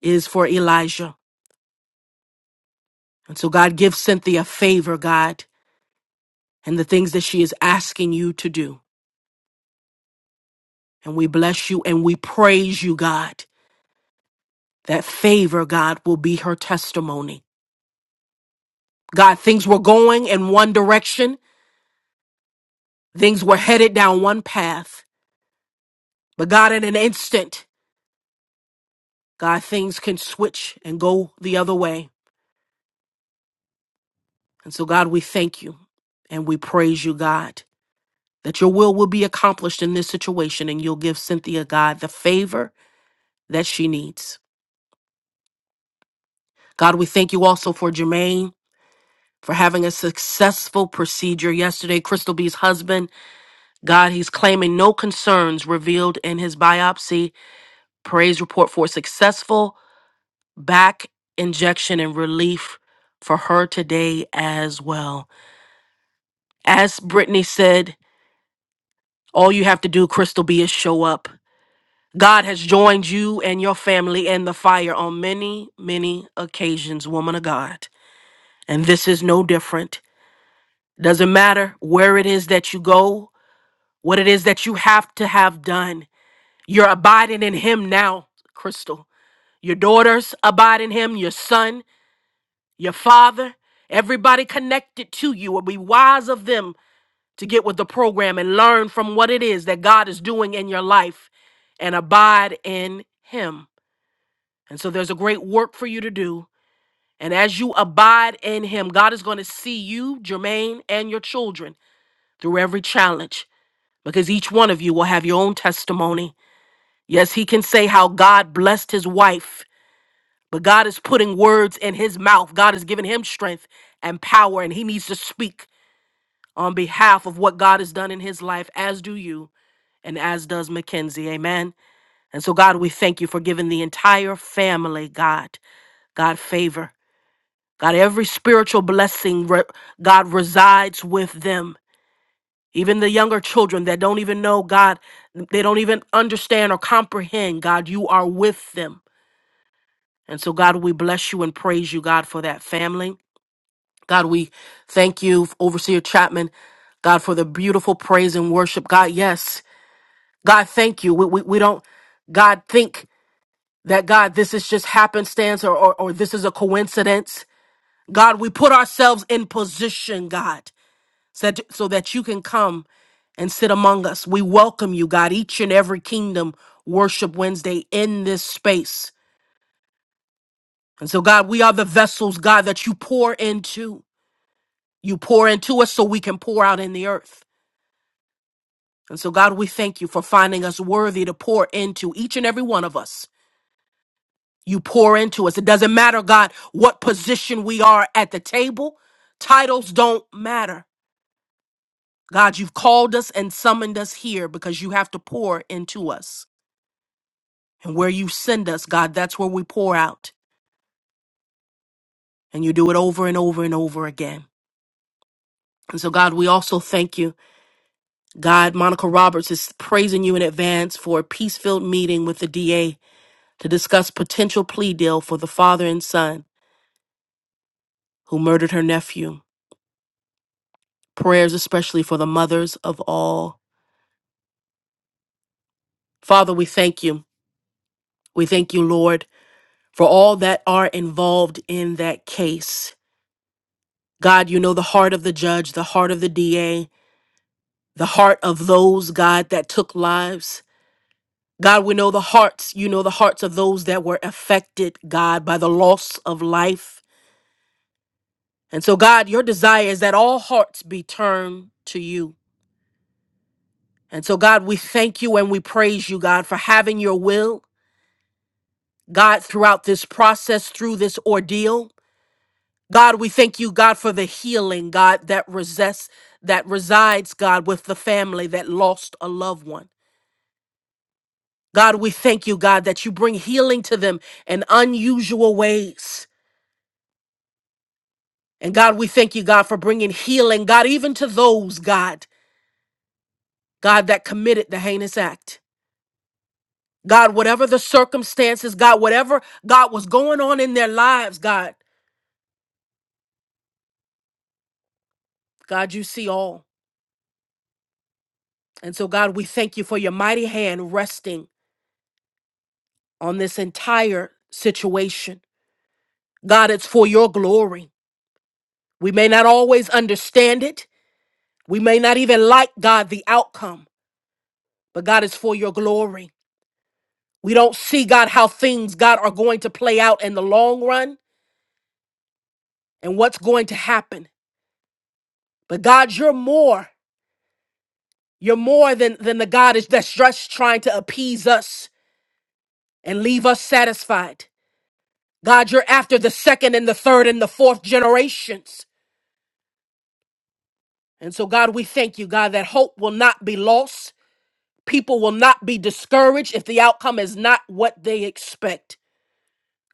S2: is for Elijah. And so, God, give Cynthia favor, God, and the things that she is asking you to do. And we bless you and we praise you, God. That favor, God, will be her testimony. God, things were going in one direction, things were headed down one path. But God, in an instant, God, things can switch and go the other way. And so, God, we thank you and we praise you, God, that your will will be accomplished in this situation and you'll give Cynthia, God, the favor that she needs. God, we thank you also for Jermaine for having a successful procedure yesterday. Crystal B's husband, God, he's claiming no concerns revealed in his biopsy. Praise report for successful back injection and relief for her today as well. As Brittany said, all you have to do, Crystal B, is show up God has joined you and your family in the fire on many, many occasions, woman of God. And this is no different. Doesn't matter where it is that you go, what it is that you have to have done. You're abiding in Him now, Crystal. Your daughters abide in Him, your son, your father, everybody connected to you will be wise of them to get with the program and learn from what it is that God is doing in your life and abide in Him. And so there's a great work for you to do. And as you abide in Him, God is going to see you, Jermaine, and your children through every challenge because each one of you will have your own testimony. Yes, He can say how God blessed His wife, but God is putting words in His mouth. God has given Him strength and power, and He needs to speak on behalf of what God has done in His life, as do you and as does Mackenzie. Amen. And so, God, we thank you for giving the entire family, God, God favor. God, every spiritual blessing, re- God resides with them. Even the younger children that don't even know God, they don't even understand or comprehend, God, you are with them. And so, God, we bless you and praise you, God, for that family. God, we thank you, Overseer Chapman, God, for the beautiful praise and worship. God, yes. God, thank you. We, we, we don't, God, think that, God, this is just happenstance or, or, or this is a coincidence. God, we put ourselves in position, God. so that, so that you can come and sit among us. We welcome you, God, each and every kingdom worship Wednesday in this space. And so, God, we are the vessels, God, that you pour into. You pour into us so we can pour out in the earth. And so, God, we thank you for finding us worthy to pour into each and every one of us. You pour into us. It doesn't matter, God, what position we are at the table. Titles don't matter. God, you've called us and summoned us here because you have to pour into us. And where you send us, God, that's where we pour out. And you do it over and over and over again. And so, God, we also thank you. God, Monica Roberts is praising you in advance for a peace filled meeting with the DA to discuss potential plea deal for the father and son who murdered her nephew. Prayers, especially for the mothers of all. Father, we thank you. We thank you, Lord, for all that are involved in that case. God, you know the heart of the judge, the heart of the DA, the heart of those, God, that took lives. God, we know the hearts, you know the hearts of those that were affected, God, by the loss of life. And so, God, your desire is that all hearts be turned to you. And so, God, we thank you and we praise you, God, for having your will, God, throughout this process, through this ordeal. God, we thank you, God, for the healing, God, that resides, that resides, God, with the family that lost a loved one. God, we thank you, God, that you bring healing to them in unusual ways. And God, we thank you, God, for bringing healing, God, even to those, God, God, that committed the heinous act. God, whatever the circumstances, God, whatever, God, was going on in their lives, God, God, you see all. And so, God, we thank you for your mighty hand resting on this entire situation. God, it's for your glory. We may not always understand it. We may not even like, God, the outcome. but God is for your glory. We don't see, God, how things, God, are going to play out in the long run and what's going to happen. But God, you're more. You're more than, than the God is that's just trying to appease us and leave us satisfied. God, you're after the second and the third and the fourth generations. And so, God, we thank you, God, that hope will not be lost. People will not be discouraged if the outcome is not what they expect.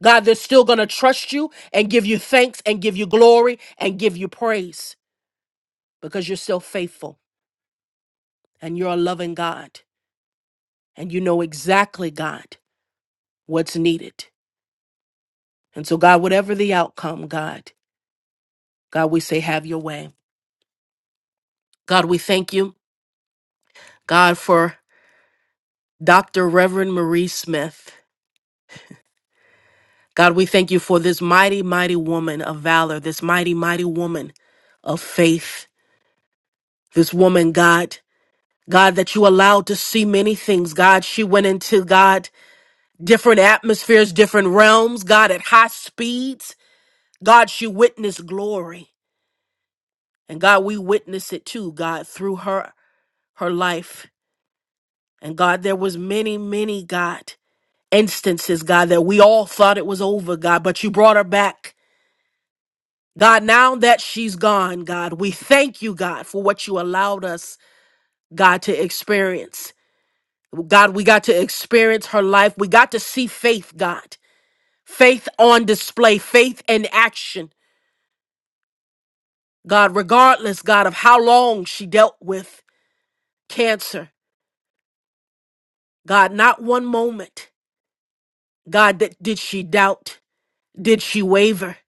S2: God, they're still going to trust you and give you thanks and give you glory and give you praise because you're still faithful and you're a loving God and you know exactly, God, what's needed. And so, God, whatever the outcome, God, God, we say, have your way. God, we thank you, God, for Dr. Reverend Marie Smith. God, we thank you for this mighty, mighty woman of valor, this mighty, mighty woman of faith, this woman, God. God, that you allowed to see many things. God, she went into, God, different atmospheres, different realms, God, at high speeds. God, she witnessed glory. And God, we witness it too, God, through her, her life. And God, there was many, many, God, instances, God, that we all thought it was over, God, but you brought her back. God, now that she's gone, God, we thank you, God, for what you allowed us, God, to experience. God, we got to experience her life. We got to see faith, God. Faith on display, faith in action. God, regardless, God, of how long she dealt with cancer, God, not one moment, God, that did she doubt? Did she waver?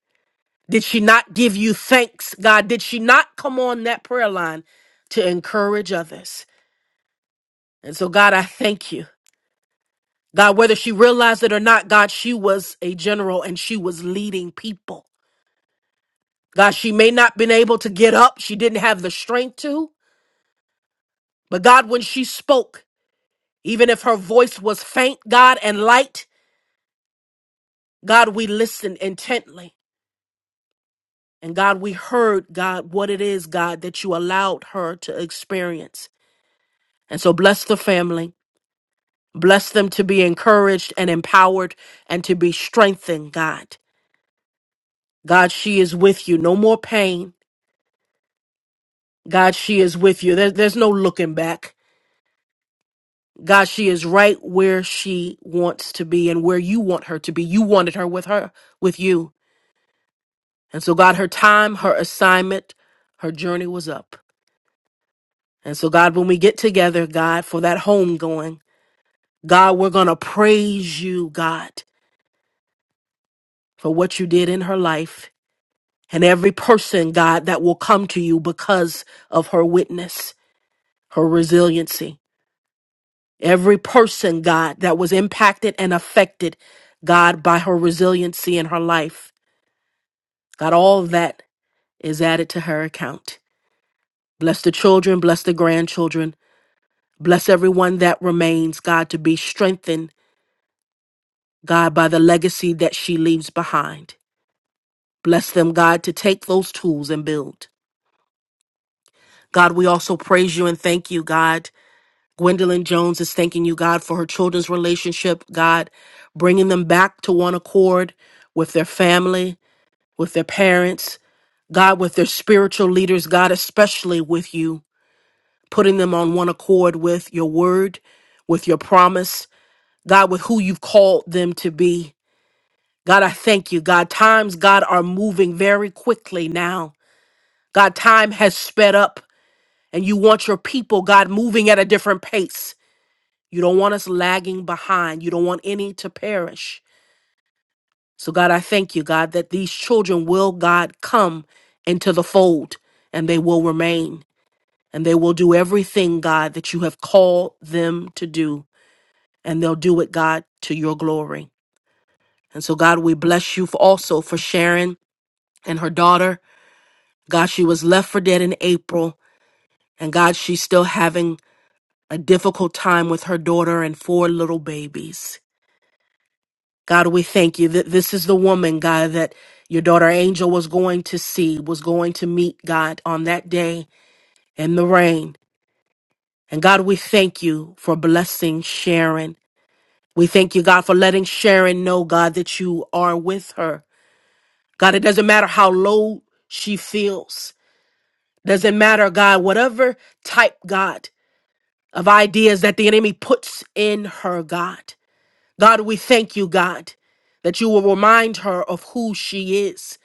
S2: Did she not give you thanks? God, did she not come on that prayer line to encourage others? And so, God, I thank you. God, whether she realized it or not, God, she was a general and she was leading people. God, she may not been able to get up. She didn't have the strength to. But God, when she spoke, even if her voice was faint, God, and light, God, we listened intently. And God, we heard, God, what it is, God, that you allowed her to experience. And so bless the family. Bless them to be encouraged and empowered and to be strengthened, God. God, she is with you. No more pain. God, she is with you. There, there's no looking back. God, she is right where she wants to be and where you want her to be. You wanted her with her, with you. And so, God, her time, her assignment, her journey was up. And so, God, when we get together, God, for that home going, God, we're going to praise you, God, for what you did in her life and every person, God, that will come to you because of her witness, her resiliency. Every person, God, that was impacted and affected, God, by her resiliency in her life. God, all that is added to her account. Bless the children, bless the grandchildren, bless everyone that remains, God, to be strengthened, God, by the legacy that she leaves behind. Bless them, God, to take those tools and build. God, we also praise you and thank you, God. Gwendolyn Jones is thanking you, God, for her children's relationship, God, bringing them back to one accord with their family, with their parents, God, with their spiritual leaders, God, especially with you. putting them on one accord with your word, with your promise, God, with who you've called them to be. God, I thank you. God, times, God, are moving very quickly now. God, time has sped up, and you want your people, God, moving at a different pace. You don't want us lagging behind. You don't want any to perish. So, God, I thank you, God, that these children will, God, come into the fold and they will remain and they will do everything, God, that you have called them to do. and they'll do it, God, to your glory. And so, God, we bless you for also for Sharon and her daughter. God, she was left for dead in April, and God, she's still having a difficult time with her daughter and four little babies. God, we thank you that this is the woman, God, that your daughter Angel was going to see, was going to meet, God, on that day in the rain. And God, we thank you for blessing Sharon. We thank you, God, for letting Sharon know, God, that you are with her God, it doesn't matter how low she feels. Doesn't matter, God, whatever type, God, of ideas that the enemy puts in her, God. God, we thank you, God, that you will remind her of who she is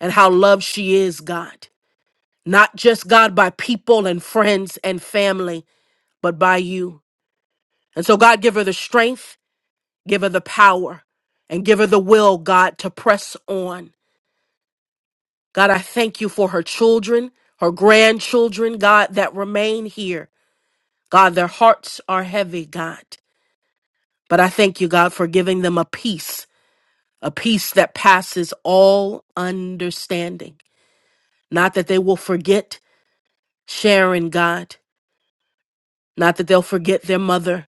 S2: and how loved she is, God. Not just, God, by people and friends and family, but by you. And so, God, give her the strength, give her the power, and give her the will, God, to press on God, I thank you for her children, her grandchildren, God, that remain here. God, their hearts are heavy, God. But I thank you, God, for giving them a peace, a peace that passes all understanding. Not that they will forget Sharon, God, not that they'll forget their mother,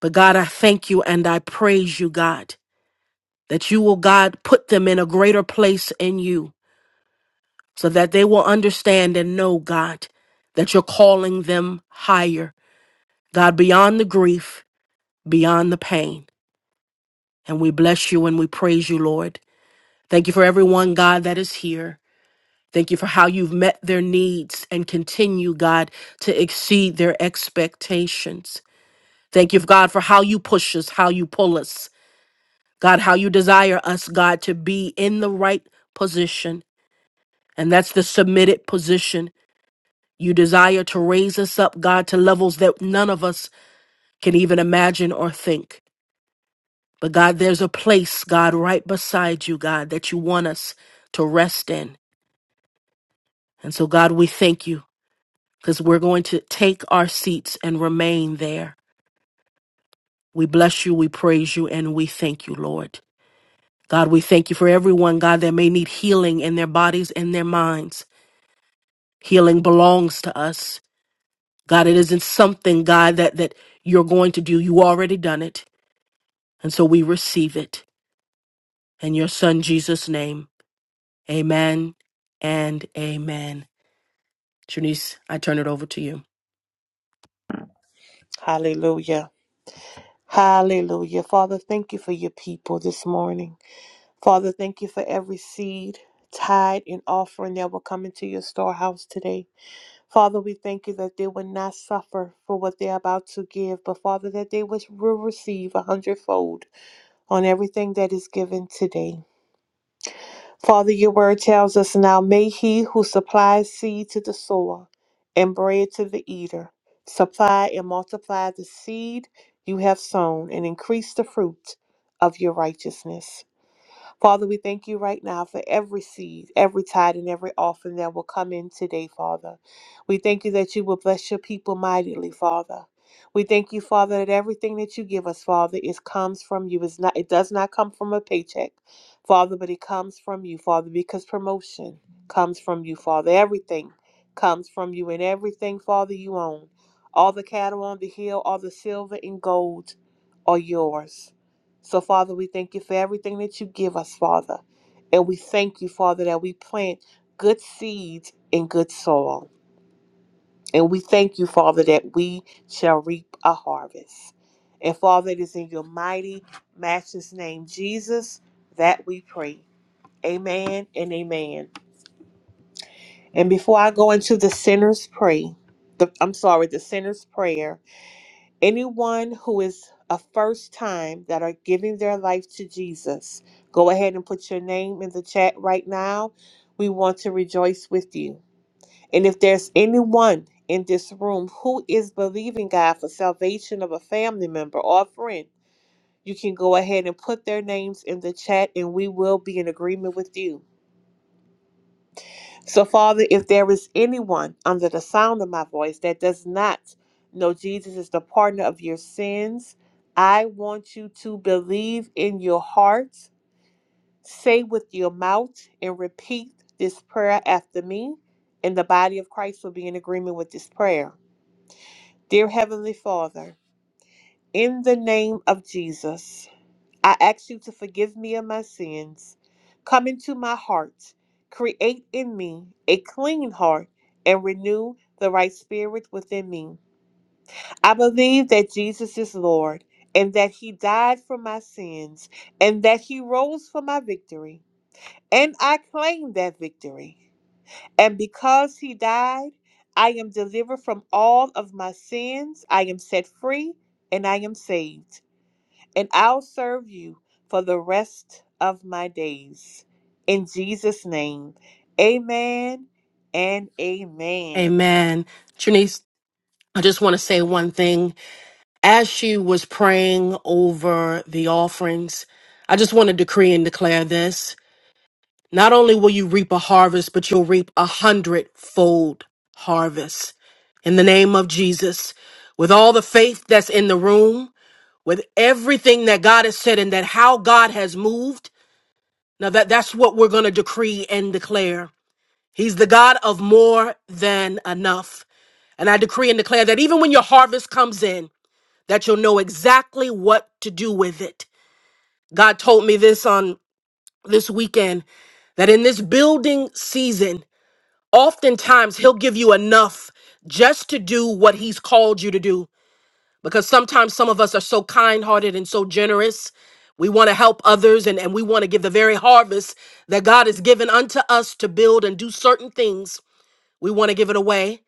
S2: but God, I thank you and I praise you, God, that you will, God, put them in a greater place in you so that they will understand and know, God, that you're calling them higher God, beyond the grief, beyond the pain. And we bless you and we praise you, Lord. Thank you for everyone, God, that is here. Thank you for how you've met their needs and continue, God, to exceed their expectations. Thank you, God, for how you push us, how you pull us, God, how you desire us, God, to be in the right position. And that's the submitted position. You desire to raise us up, God, to levels that none of us can even imagine or think. But God, there's a place, God, right beside you, God, that you want us to rest in. And so, God, we thank you because we're going to take our seats and remain there. We bless you, we praise you, and we thank you, Lord. God, we thank you for everyone, God, that may need healing in their bodies and their minds. Healing belongs to us. God, it isn't something, God, that, that you're going to do. You already done it. And so we receive it. In your son, Jesus' name, amen and amen. Trinice, I turn it over to you.
S1: Hallelujah. Hallelujah. Father, thank you for your people this morning. Father, thank you for every seed, tithe, and offering that will come into your storehouse today. Father, we thank you that they will not suffer for what they are about to give, but Father, that they will will receive a hundredfold on everything that is given today. Father, your word tells us now, may he who supplies seed to the sower and bread to the eater supply and multiply the seed you have sown and increase the fruit of your righteousness. Father, we thank you right now for every seed, every tithe, and every offering that will come in today, Father. We thank you that you will bless your people mightily, Father. We thank you, Father, that everything that you give us, Father, is comes from you. It's not, it does not come from a paycheck, Father, but it comes from you, Father, because promotion comes from you, Father. Everything comes from you, and everything, Father, you own. All the cattle on the hill, all the silver and gold are yours. So, Father, we thank you for everything that you give us, Father. And we thank you, Father, that we plant good seeds in good soil. And we thank you, Father, that we shall reap a harvest. And Father, it is in your mighty, matchless name, Jesus, that we pray. Amen and amen. And before I go into the sinner's pray, the, I'm sorry, the sinner's prayer, Anyone who is a first time that are giving their life to Jesus, go ahead and put your name in the chat right now. We want to rejoice with you. And if there's anyone in this room who is believing God for salvation of a family member or a friend, you can go ahead and put their names in the chat and we will be in agreement with you. So, Father, if there is anyone under the sound of my voice that does not know Jesus is the partner of your sins, I want you to believe in your heart, say with your mouth, and repeat this prayer after me. And the body of Christ will be in agreement with this prayer. Dear Heavenly Father, in the name of Jesus. I ask you to forgive me of my sins. Come into my heart. Create in me a clean heart and renew the right spirit within me. I believe that Jesus is Lord and that he died for my sins and that he rose for my victory. And I claim that victory. And because he died, I am delivered from all of my sins. I am set free and I am saved and I'll serve you for the rest of my days. In Jesus' name, amen and amen.
S2: Amen. Trinice, I just want to say one thing. As she was praying over the offerings, I just want to decree and declare this. Not only will you reap a harvest, but you'll reap a hundredfold harvest. In the name of Jesus, with all the faith that's in the room, with everything that God has said and that how God has moved, now that, that's what we're going to decree and declare. He's the God of more than enough. And I decree and declare that even when your harvest comes in, that you'll know exactly what to do with it. God told me this on this weekend that in this building season, oftentimes he'll give you enough just to do what he's called you to do. Because sometimes some of us are so kind hearted and so generous. We want to help others and, and we want to give the very harvest that God has given unto us to build and do certain things. We want to give it away.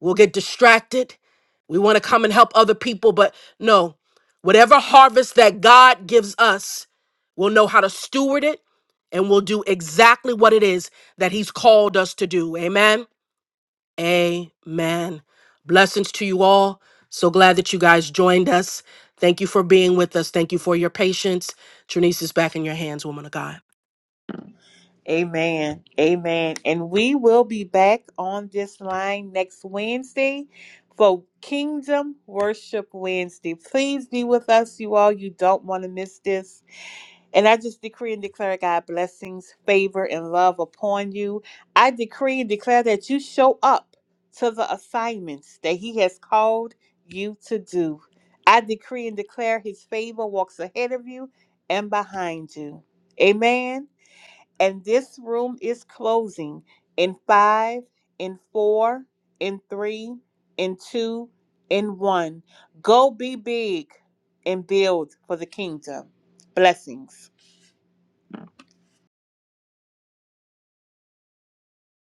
S2: We'll get distracted. We want to come and help other people, but no, whatever harvest that God gives us, we'll know how to steward it and we'll do exactly what it is that He's called us to do. Amen. Amen. Blessings to you all. So glad that you guys joined us. Thank you for being with us. Thank you for your patience. Trinice is back in your hands, woman of God.
S1: Amen. Amen. And we will be back on this line next Wednesday for Kingdom Worship Wednesday. Please be with us, you all. You don't want to miss this. And I just decree and declare, God, blessings, favor, and love upon you. I decree and declare that you show up to the assignments that He has called you to do. I decree and declare His favor walks ahead of you and behind you. Amen. And this room is closing in five, in four, in three, in two, in one. Go be big and build for the kingdom. Blessings.